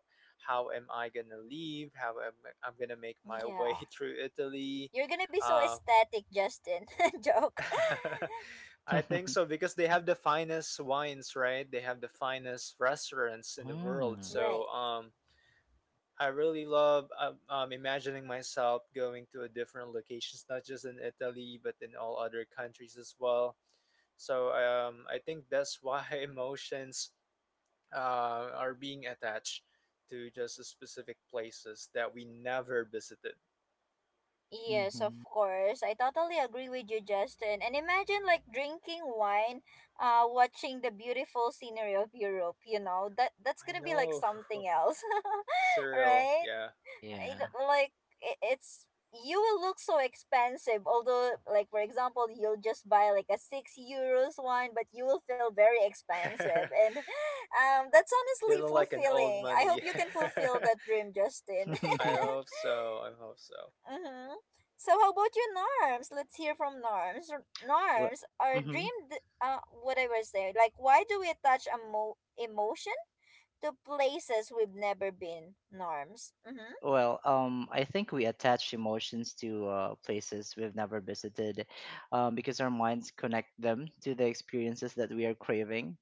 B: how am I gonna leave? I'm gonna make my way
A: Yeah.
B: through Italy?
A: You're gonna be so
B: Uh.
A: aesthetic, Justin. Joke.
B: I think so, because they have the finest wines, right? They have the finest restaurants in the world.
C: Mm,
A: Right.
B: So I really love imagining myself going to a different locations, not just in Italy but in all other countries as well. So I think that's why emotions are being attached to just the specific places that we never visited.
A: Yes, of
C: hmm.
A: course. I totally agree with you, Justin. And imagine like drinking wine, watching the beautiful scenery of Europe, you know. That that's
B: I
A: going to be like
B: know,
A: something else.
B: surreal,
A: Right?
B: yeah.
A: It,
C: Yeah.
A: like it's you will look so expensive, although like for example you'll just buy like a 6 euro wine, but you will feel very expensive and that's honestly
B: Feeling like an old
A: fulfilling. I hope
B: money.
A: you can fulfill that dream, Justin.
B: I hope so. I hope so.
A: Mm-hmm. So how about you, Norms? Let's hear from Norms.
C: Well,
A: Norms, our
C: hmm,
A: dream, whatever is there. Like, why do we attach a emotion to places we've never been? Norms. Mm-hmm.
C: well, I think we attach emotions to places we've never visited, because our minds connect them to the experiences that we are craving.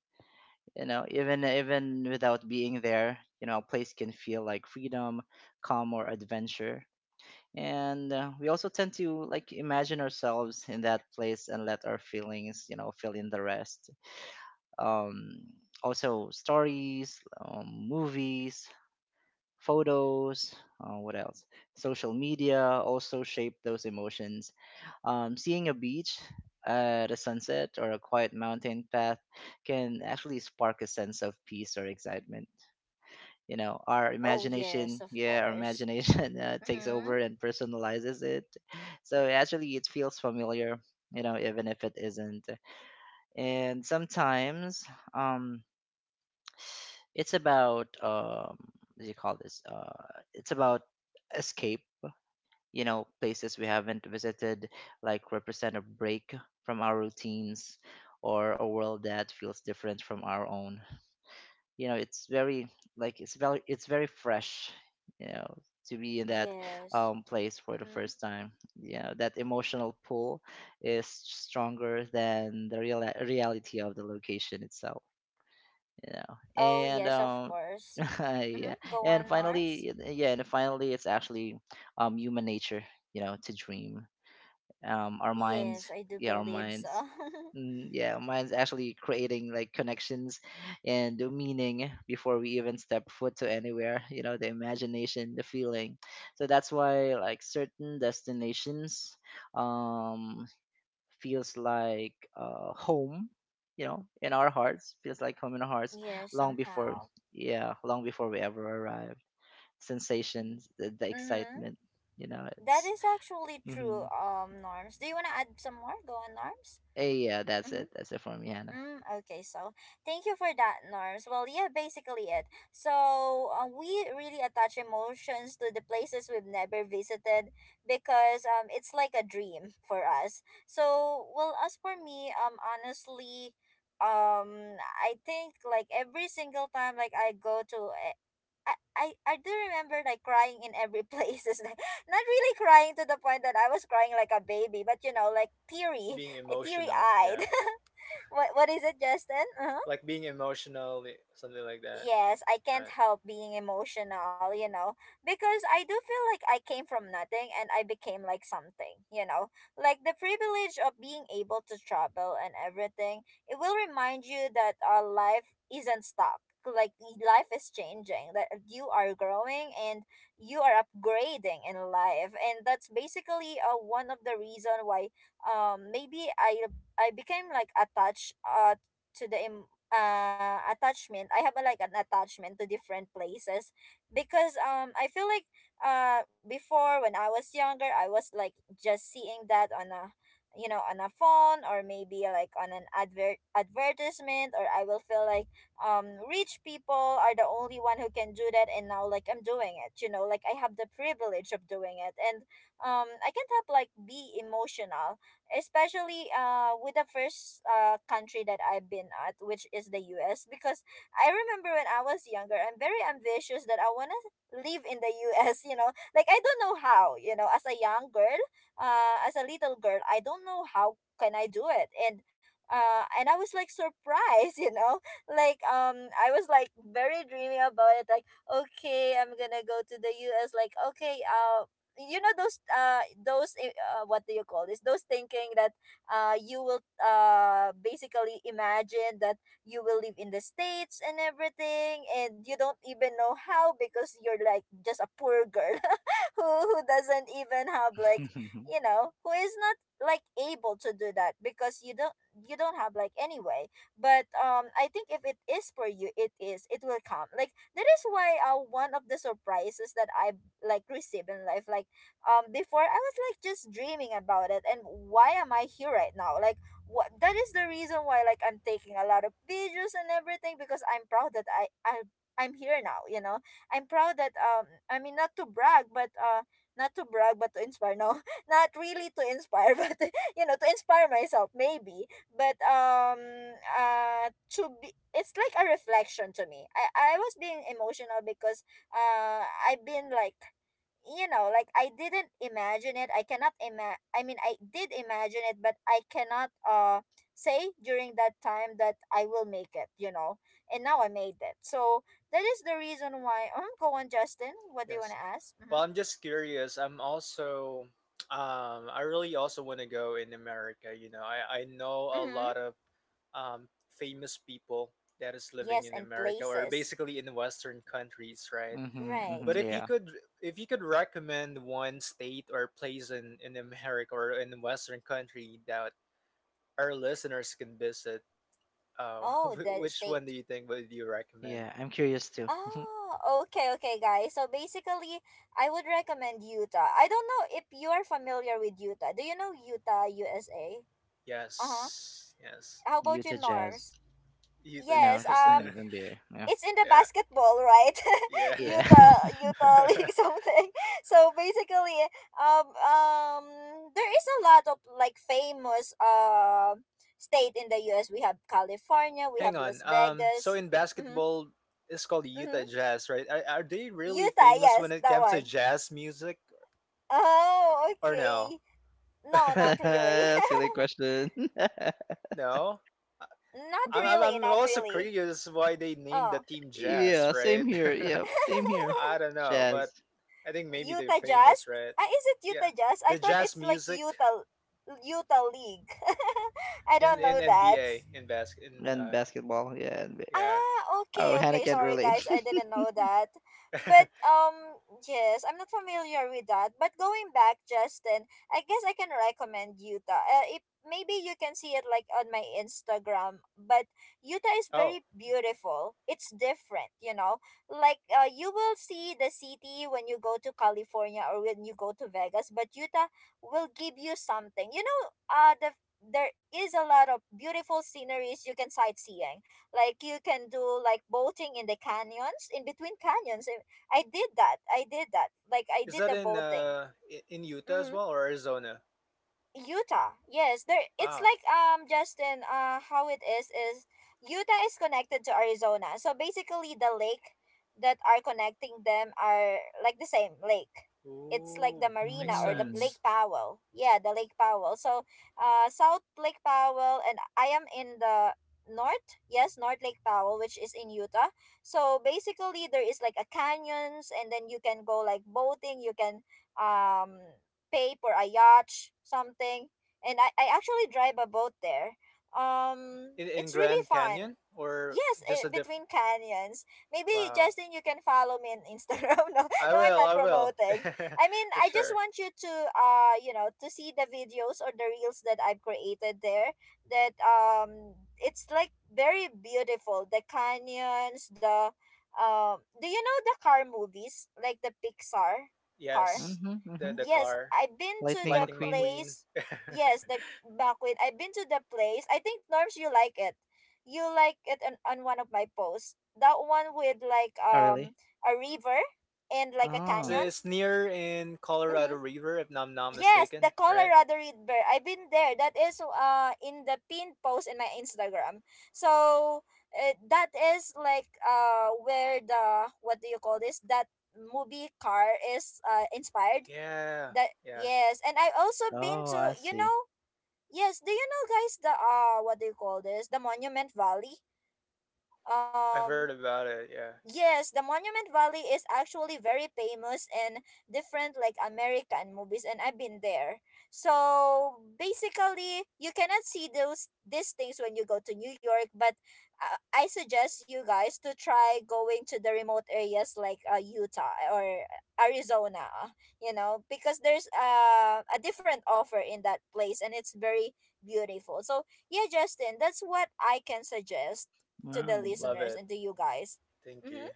C: You know, even without being there, you know, a place can feel like freedom, calm, or adventure. And we also tend to like imagine ourselves in that place and let our feelings, you know, fill in the rest. um, Also stories, movies, photos, what else? Social media also shape those emotions. Seeing a beach at a sunset or a quiet mountain path can actually spark a sense of peace or excitement. You know, our
A: Oh yes,
C: imagination,
A: of
C: yeah, our
A: course.
C: imagination takes
A: Mm-hmm.
C: over and personalizes it. So actually, it feels familiar. You know, even if it isn't. And sometimes, um, it's about what do you call this? It's about escape. You know, places we haven't visited, like represent a break from our routines, or a world that feels different from our own. You know, it's very like it's very fresh. You know, to be in that
A: Yes.
C: place for the
A: Mm-hmm.
C: first time. You know, that emotional pull is stronger than the real reality of the location itself. You know,
A: Oh
C: and
A: yes, of course.
C: yeah.
A: Mm-hmm. Go
C: And
A: on, Norms.
C: finally, and finally, it's actually human nature, you know, to dream. Our minds,
A: Yes, I do
C: yeah, our
A: believe
C: minds,
A: so.
C: mm, yeah, minds actually creating like connections and the meaning before we even step foot to anywhere. You know, the imagination, the feeling. So that's why like certain destinations, um, feels like home, you know, in our hearts, feels like home in our hearts
A: Yes,
C: long before,
A: somehow.
C: yeah, long before we ever arrived. Sensations, the
A: Mm-hmm.
C: excitement, you know,
A: That
C: it's,
A: is actually
C: hmm,
A: true, Norms. Do you want to add some more? Go on, Norms.
C: yeah, that's
A: Mm-hmm.
C: it. That's it for me, Hannah.
A: Mm, okay, so thank you for that, Norms. Well, yeah, basically it. So we really attach emotions to the places we've never visited because it's like a dream for us. So, well, as for me, honestly, I think like every single time like I go to I do remember like crying in every place. It's like, not really crying to the point that I was crying like a baby, but you know, like teary,
B: Being
A: teary
B: emotional,
A: eyed.
B: yeah.
A: What is it, Justin? Uh-huh.
B: Like being emotional, something like that.
A: Yes, I can't
B: Right.
A: help being emotional, you know, because I do feel like I came from nothing and I became like something, you know. Like the privilege of being able to travel and everything, it will remind you that our life isn't stuck. Like life is changing, that you are growing and you are upgrading in life. And that's basically one of the reason why maybe I became like attached to the attachment I have like an attachment to different places because I feel like before when I was younger I was like just seeing that on a you know on a phone or maybe like on an advertisement or I will feel like rich people are the only one who can do that and now like I'm doing it, you know, like I have the privilege of doing it. And I can't help like be emotional, especially with the first country that I've been at, which is the US, because I remember when I was younger, I'm very ambitious that I wanna live in the US, you know. Like I don't know how, you know, as a young girl, as a little girl, I don't know how can I do it. And I was like surprised, you know. Like I was like very dreamy about it, like okay, I'm gonna go to the US, like okay, what do you call this, those thinking that you will basically imagine that you will live in the states and everything and you don't even know how because you're like just a poor girl who doesn't even have like, you know, who is not like able to do that because you don't, you don't have like anyway. But I think if it is for you it is it will come like that is why, one of the surprises that I like receive in life, like before I was like just dreaming about it and why am I here right now, like what, that is the reason why like I'm taking a lot of videos and everything because I'm proud that I'm here now, you know. I'm proud that I mean not to brag but not to brag but to inspire, no. Not really to inspire, but, you know, to inspire myself maybe. But to be, it's like a reflection to me. I was being emotional because I've been like, you know, like I didn't imagine it. I cannot ima- I mean I did imagine it but I cannot say during that time that I will make it, you know. And now I made it. So that is the reason why. Go on, Justin, what do you want
B: Yes.
A: to ask? Mm-hmm.
B: Well, I'm just curious. I'm also I really also want to go in America, you know. I know a
A: Mm-hmm.
B: lot of um famous people that is living
A: Yes,
B: in
A: and
B: America, or
A: places,
B: basically in western countries, right?
C: Hmm. Hmm,
A: right.
B: But if you
C: yeah.
B: could if you could recommend one state or place in America or in western country that our listeners can visit,
A: Oh, the
B: which one
A: state.
B: do you think would you recommend?
C: Yeah, I'm curious too.
A: Oh, okay, okay, guys, so basically I would recommend Utah. I don't know if you are familiar with Utah. Do you know Utah, USA? Uh-huh.
B: Yes, yes,
A: How about you,
C: Utah Jazz.
A: Norms?
B: you to
A: Yes,
C: No,
B: Jess.
C: just an NBA.
A: it's in the
B: Yeah,
A: basketball, right?
B: yeah.
C: Yeah.
A: Utah, Utah League, something. So basically, um, um, there is a lot of like famous state in the U.S. We have California, we
B: Hang
A: have
B: on.
A: Las
B: So
A: Vegas,
B: in
A: mm-hmm,
B: basketball, it's called Utah
A: mm-hmm.
B: Jazz, right? Are they really
A: Utah.
B: famous when
A: Yes,
B: it
A: that
B: comes to
A: one.
B: jazz music
A: Oh,
B: or no?
A: okay. No, not really.
C: Silly question.
B: No. I-
C: Yeah.
A: Not really.
B: I'm
A: Not
B: also
A: really.
B: curious why they named the
A: Oh.
B: team Jazz,
C: Yeah,
B: right?
C: same here. Yeah, same here.
B: I don't know, but
C: Jazz
B: I think maybe they're
A: Utah
B: famous,
A: Jazz?
B: right?
A: Ah, is it
B: Yeah,
A: Utah Jazz? I
B: the
A: thought
B: jazz
A: it's like
B: music
A: Utah League. I don't
B: in
A: know that.
B: NBA in basket in
C: and basketball. Yeah. And,
B: yeah.
A: Ah, okay,
C: oh, Hannah
A: okay.
C: can't
A: Sorry,
C: relate.
A: guys. I didn't know that. But yes, I'm not familiar with that. But going back, Justin, I guess I can recommend Utah. If maybe you can see it like on my Instagram. But Utah is
B: Oh,
A: very beautiful. It's different, you know. Like you will see the city when you go to California or when you go to Vegas, but Utah will give you something. You know, there is a lot of beautiful sceneries you can sightseeing, like you can do like boating in the canyons, in between canyons. I did that like I
B: is
A: did
B: that
A: the
B: in
A: boating.
B: in Utah as
A: Mhm.
B: well, or Arizona?
A: Utah. Yes, there it's
B: Wow.
A: like, Justin, how it is Utah is connected to Arizona. So basically the lake that are connecting them are like the same lake. It's like the
B: Ooh, makes
A: marina or the
C: Mm.
A: Lake
B: sense.
A: Powell. Yeah, the Lake Powell. So South Lake Powell, and I am in the north, yes, north Lake Powell, which is in Utah. So basically there is like a canyons and then you can go like boating, you can um pay for a yacht, something. And I actually drive a boat there.
B: In
A: It's really
B: Grand Canyon,
A: fun.
B: or
A: Yes, eh,
B: just a
A: between
B: different.
A: canyons. Maybe
B: Wow.
A: Justin, you can follow me on Instagram. No,
B: I
A: no, I'm
B: will.
A: not
B: I will.
A: promoting. I mean,
B: For
A: I just
B: sure.
A: want you to, you know, to see the videos or the reels that I've created there. That it's like very beautiful. The canyons, the do you know the car movies like the Pixar car?
B: Yes.
C: Mm-hmm, mm-hmm.
B: The
A: Yes,
B: car.
A: I've been to
C: Lightning
A: the
B: Lightning
C: McQueen.
B: McQueen.
A: place. Yes, the backwit. I've been to the place. I think Norms, you like it. You like it on one of my posts. That one with like
C: Oh, really?
A: a river and like a
C: Oh.
A: canyon.
B: It's near in Colorado
A: Mm-hmm.
B: River, if I'm not
A: Yes,
B: mistaken,
A: the
B: right?
A: Colorado River. I've been there. That is in the pinned post in my Instagram. So that is like where the, what do you call this? That movie car is inspired
B: Yeah,
A: that.
B: yeah.
A: Yes, and I've also been
C: Oh,
A: to,
C: I
A: you
C: see.
A: know, yes. Do you know, guys, the what do you call this? The Monument Valley.
B: I've
A: Um,
B: heard about it. Yeah,
A: Yes, the Monument Valley is actually very famous in different like American movies, and I've been there. So basically, you cannot see those these things when you go to New York, but I suggest you guys to try going to the remote areas like, Utah or Arizona, you know, because there's a different offer in that place and it's very beautiful. So, yeah, Justin, that's what I can suggest to
B: wow,
A: the
C: Mm.
B: love
A: listeners
B: it.
A: and to you guys.
B: Thank you.
A: Mhm.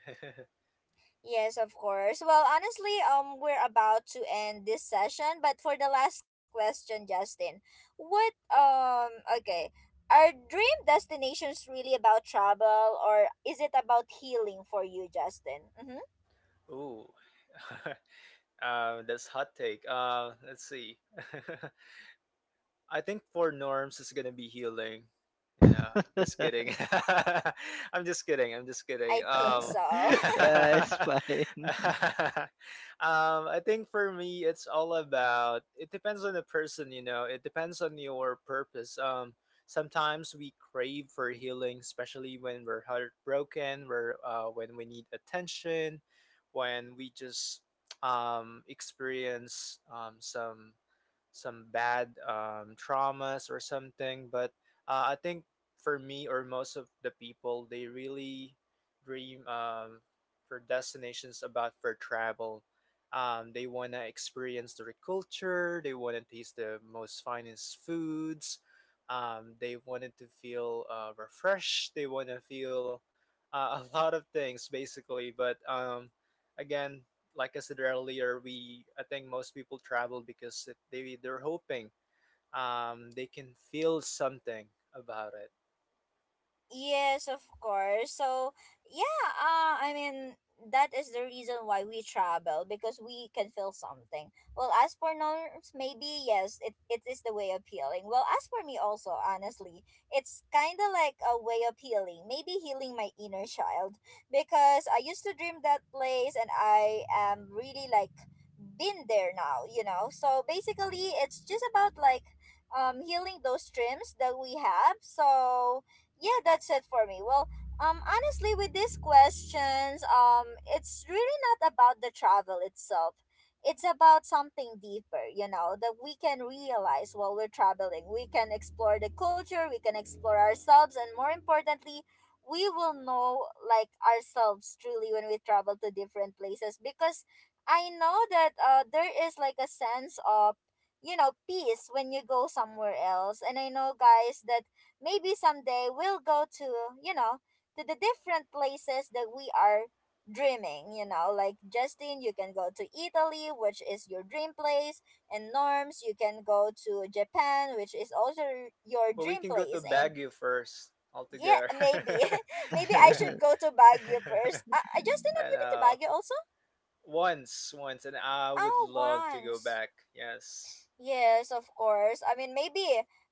A: Yes, of course. Well, honestly, we're about to end this session, but for the last question, Justin, what okay, are dream destinations really about travel, or is it about healing for you, Justin? Mm-hmm.
B: Ooh, that's hot take. Let's see. I think for norms it's gonna be healing. You know, just kidding. I'm just kidding. I'm just kidding.
A: I think so.
C: Yeah, it's fine.
B: I think for me it's all about. It depends on the person. You know, it depends on your purpose. Sometimes we crave for healing, especially when we're heartbroken. We're when we need attention, when we just experience some bad traumas or something. But I think for me or most of the people, they really dream for destinations about for travel. They want to experience their culture. They want to taste the most finest foods. They wanted to feel refreshed. They want to feel a lot of things, basically. But again, like I said earlier, we I think most people travel because they they're hoping they can feel something about it.
A: Yes, of course. So, yeah, I mean, that is the reason why we travel, because we can feel something. Well, as for Norms, maybe yes, it is the way of healing. Well, as for me, also, honestly, it's kind of like a way of healing, maybe healing my inner child because I used to dream that place and I am really like been there now, you know? So, basically, it's just about like healing those dreams that we have. So, yeah, that's it for me. Well, honestly, with these questions, it's really not about the travel itself. It's about something deeper, you know, that we can realize while we're traveling. We can explore the culture, we can explore ourselves, and more importantly, we will know like ourselves truly when we travel to different places, because I know that there is like a sense of, you know, peace when you go somewhere else. And I know, guys, that maybe someday we'll go to, you know, to the different places that we are dreaming, you know, like Justin, you can go to Italy, which is your dream place, and Norms, you can go to Japan, which is also your
B: But we
A: dream
B: can go to
A: place. And
B: Baguio first
A: yeah,
B: altogether.
A: maybe maybe I
C: Mhm.
A: should go to Baguio first. Justin, have
B: I
A: you been to
B: know,
A: Baguio also?
B: once, and I would
A: Oh,
B: love to go
A: once.
B: back. Yes,
A: Yes, of course. I mean,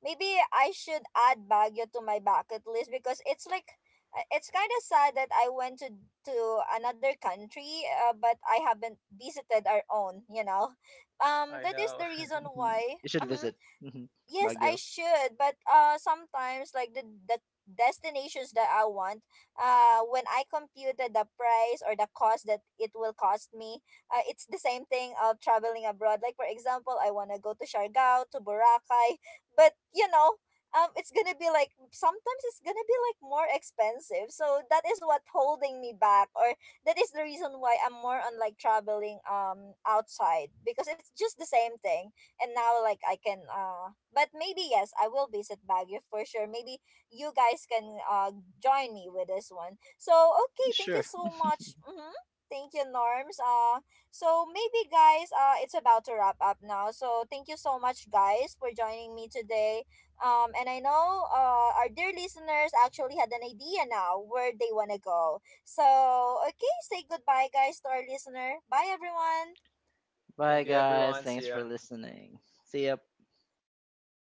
A: maybe I should add Baguio to my bucket list, because it's like, it's kind of sad that I went to another country, but I haven't visited our own. You know,
B: I
A: that is
B: know.
A: the reason why.
C: You should
A: Mhm,
C: visit. Mhm.
A: yes, I
C: Baguio.
A: should. But sometimes like the destinations that I want, when I computed the price or the cost that it will cost me, it's the same thing of traveling abroad. Like, for example, I want to go to Siargao, to Boracay, but you know, it's going to be like, sometimes it's going to be like more expensive. So that is what holding me back, or that is the reason why I'm more on like traveling outside, because it's just the same thing. And now like I can, but maybe, yes, I will visit Baguio for sure. Maybe you guys can join me with this one. So okay, thank you
C: Sure.
A: so much. Mm-hmm. Thank you, Norms. So maybe guys, it's about to wrap up now. So thank you so much, guys, for joining me today. And I know, our dear listeners actually had an idea now where they want to go. So, okay, say goodbye, guys, to our listener. Bye, everyone.
C: Bye,
B: Thank you,
C: guys.
B: everyone. See
C: Thanks
B: ya.
C: for listening. See ya.